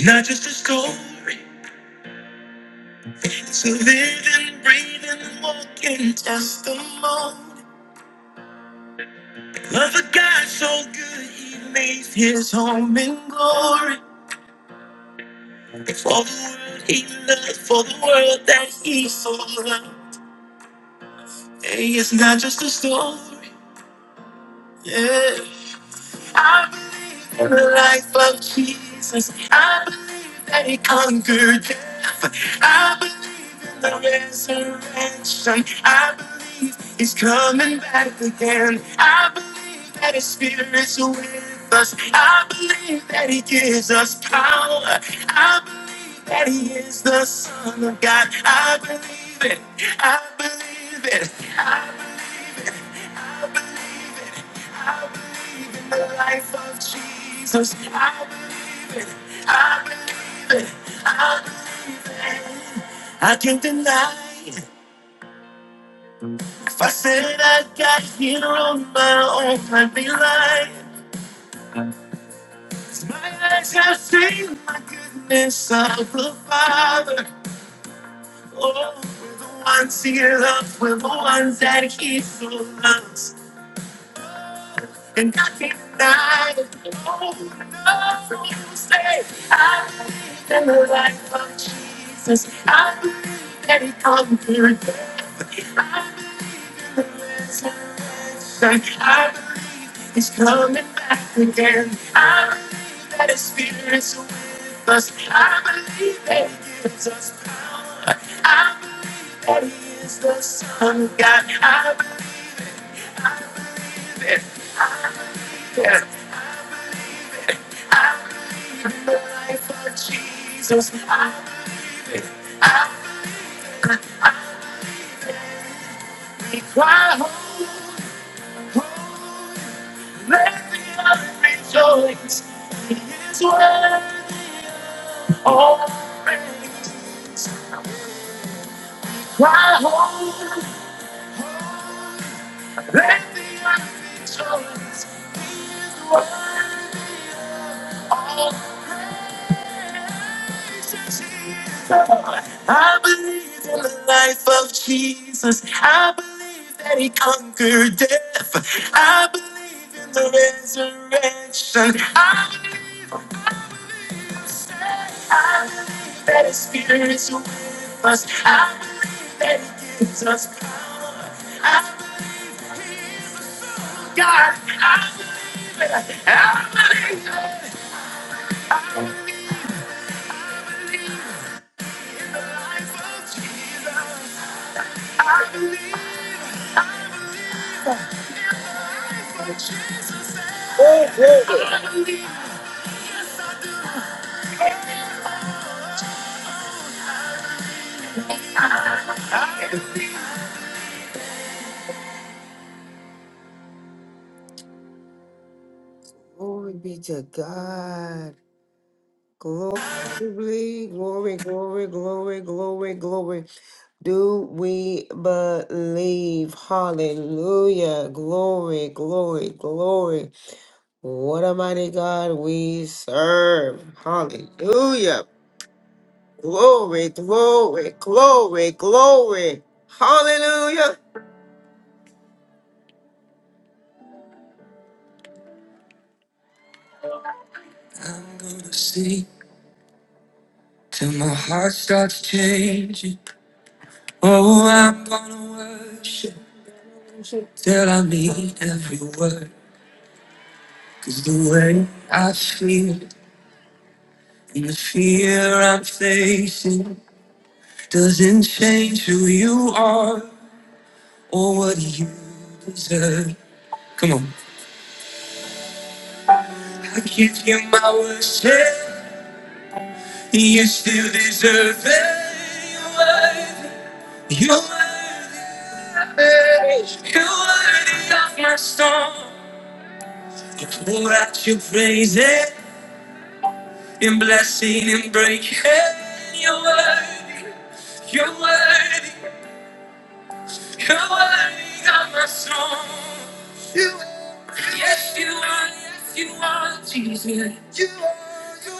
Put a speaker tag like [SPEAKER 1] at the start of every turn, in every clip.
[SPEAKER 1] Not just a story, it's a living, breathing, walking testimony of a God so good he made his home in glory. For the world he loved, for the world that he so loved. Hey, it's not just a story, yeah. I believe in the life of Jesus. I believe that he conquered death. I believe in the resurrection. I believe he's coming back again. I believe that his spirit's with us. I believe that he gives us power. I believe that he is the Son of God. I believe it. I believe it. I believe it. I believe it. I believe in the life of Jesus. I believe it. I believe it. I believe it. I can't deny it. If I said I got here on my own, I'd be lying. 'Cause My eyes have seen my goodness of the Father. Oh, we're the ones he loves, we're the ones that he so loves. And I can't deny it. Oh no, of you say, I believe in the life of Jesus. I believe that he conquered death. I believe in the resurrection. I believe he's coming back again. I believe that his spirit is with us. I believe that he gives us power. I believe that he is the Son of God. I I believe it. I believe it. I believe it. I believe in the life of Jesus. I believe it. I I cry hope. Let me rejoice. He is worthy of all praise. I hope. Let the earth rejoice. He is worthy of all praises. He is Lord. I believe in the life of Jesus. I believe that he conquered death. I believe in the resurrection. I believe. I believe, I believe that His Spirit is with us. I believe that He gives us power. I believe He is a God. I believe it. I believe it. I believe in the life of Jesus. I believe. I believe. I believe. Glory be to God. Glory, glory, glory, glory, glory, glory. Do we believe? Hallelujah. Glory, glory, glory. What a mighty God we serve. Hallelujah. Glory, glory, glory, glory. Hallelujah. I'm gonna sing till my heart starts changing. Oh, I'm gonna worship till I mean every word. Cause the way I feel and the fear I'm facing doesn't change who you are or what you deserve. Come on. I give you my worst share. You still deserve it. You're worthy. You're worthy. You're worthy of my storm. You pour out your praises. in blessing and breaking. You're worthy, you're worthy, you're worthy of my song. You are. Yes, you are, yes, you are, Jesus. You are you're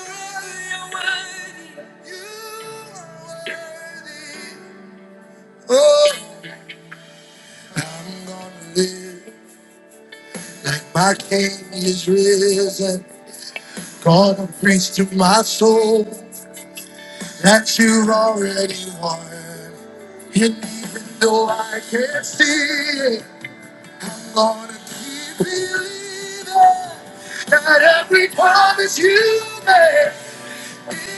[SPEAKER 1] worthy, you're worthy. Oh, my King is risen. Gonna preach to my soul that you already won. And even though I can't see it. I'm gonna keep believing that every promise you made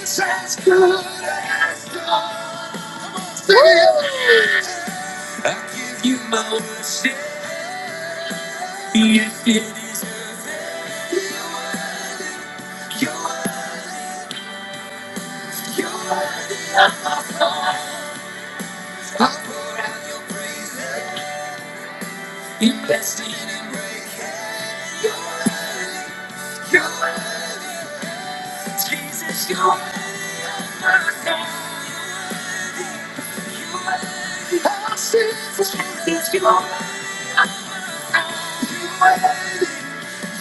[SPEAKER 1] is as good as done. Sing it. I give you my worship, yes it is perfect. your, word, your, word, I pour out your best, your, word, your, word, Jesus, your, word, my God, your, word, I'll sing for Jesus, your, you are,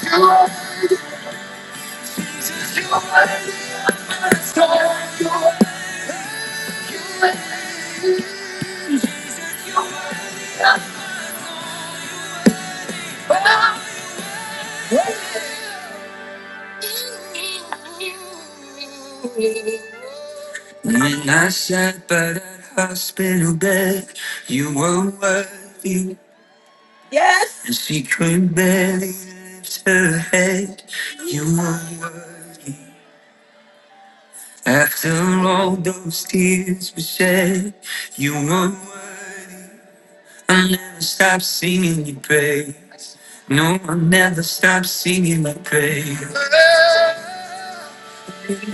[SPEAKER 1] you are. When I sat by that hospital bed, you were worthy. Yes. And she could barely lift her head. You were worthy. After all those tears were shed, you were worthy. I never stop singing your praise. No, I never stop singing your praise.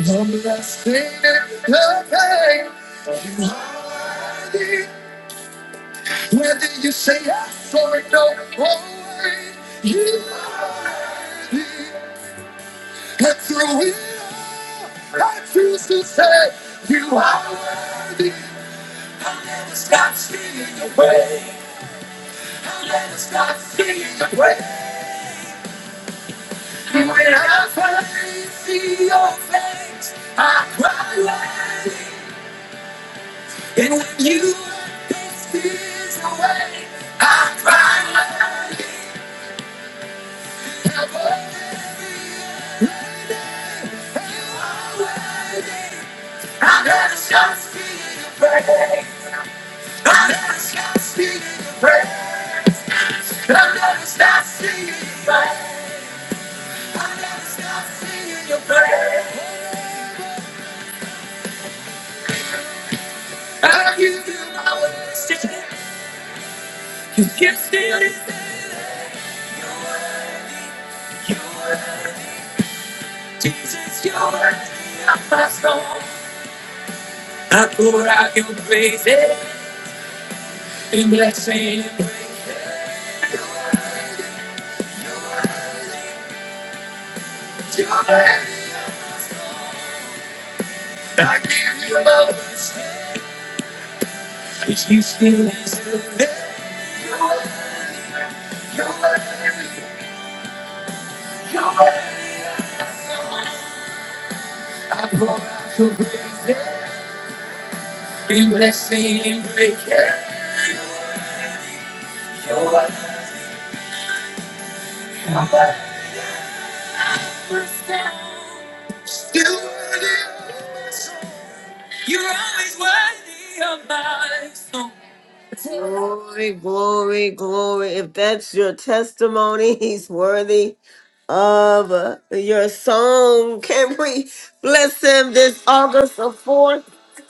[SPEAKER 1] I'm not singing the pain, Whether you say yes or no, always you are through it. all. I choose to say you are worthy. I will never stop singing your praise. I will never stop singing your praise. When I finally see your face, I cry. worthy. And when you let these tears away, I cry. and ask, You can still is the cure. Jesus, you're my song. I pour out your praises in blessing and with joy. I give up, 'cause you still is the Lord. You're, you're, in blessing and break. You're, you're, still worthy of my song. You're always worthy of my song. Glory, glory, glory. If that's your testimony, he's worthy of uh, your song. Can we bless him this August the 4th?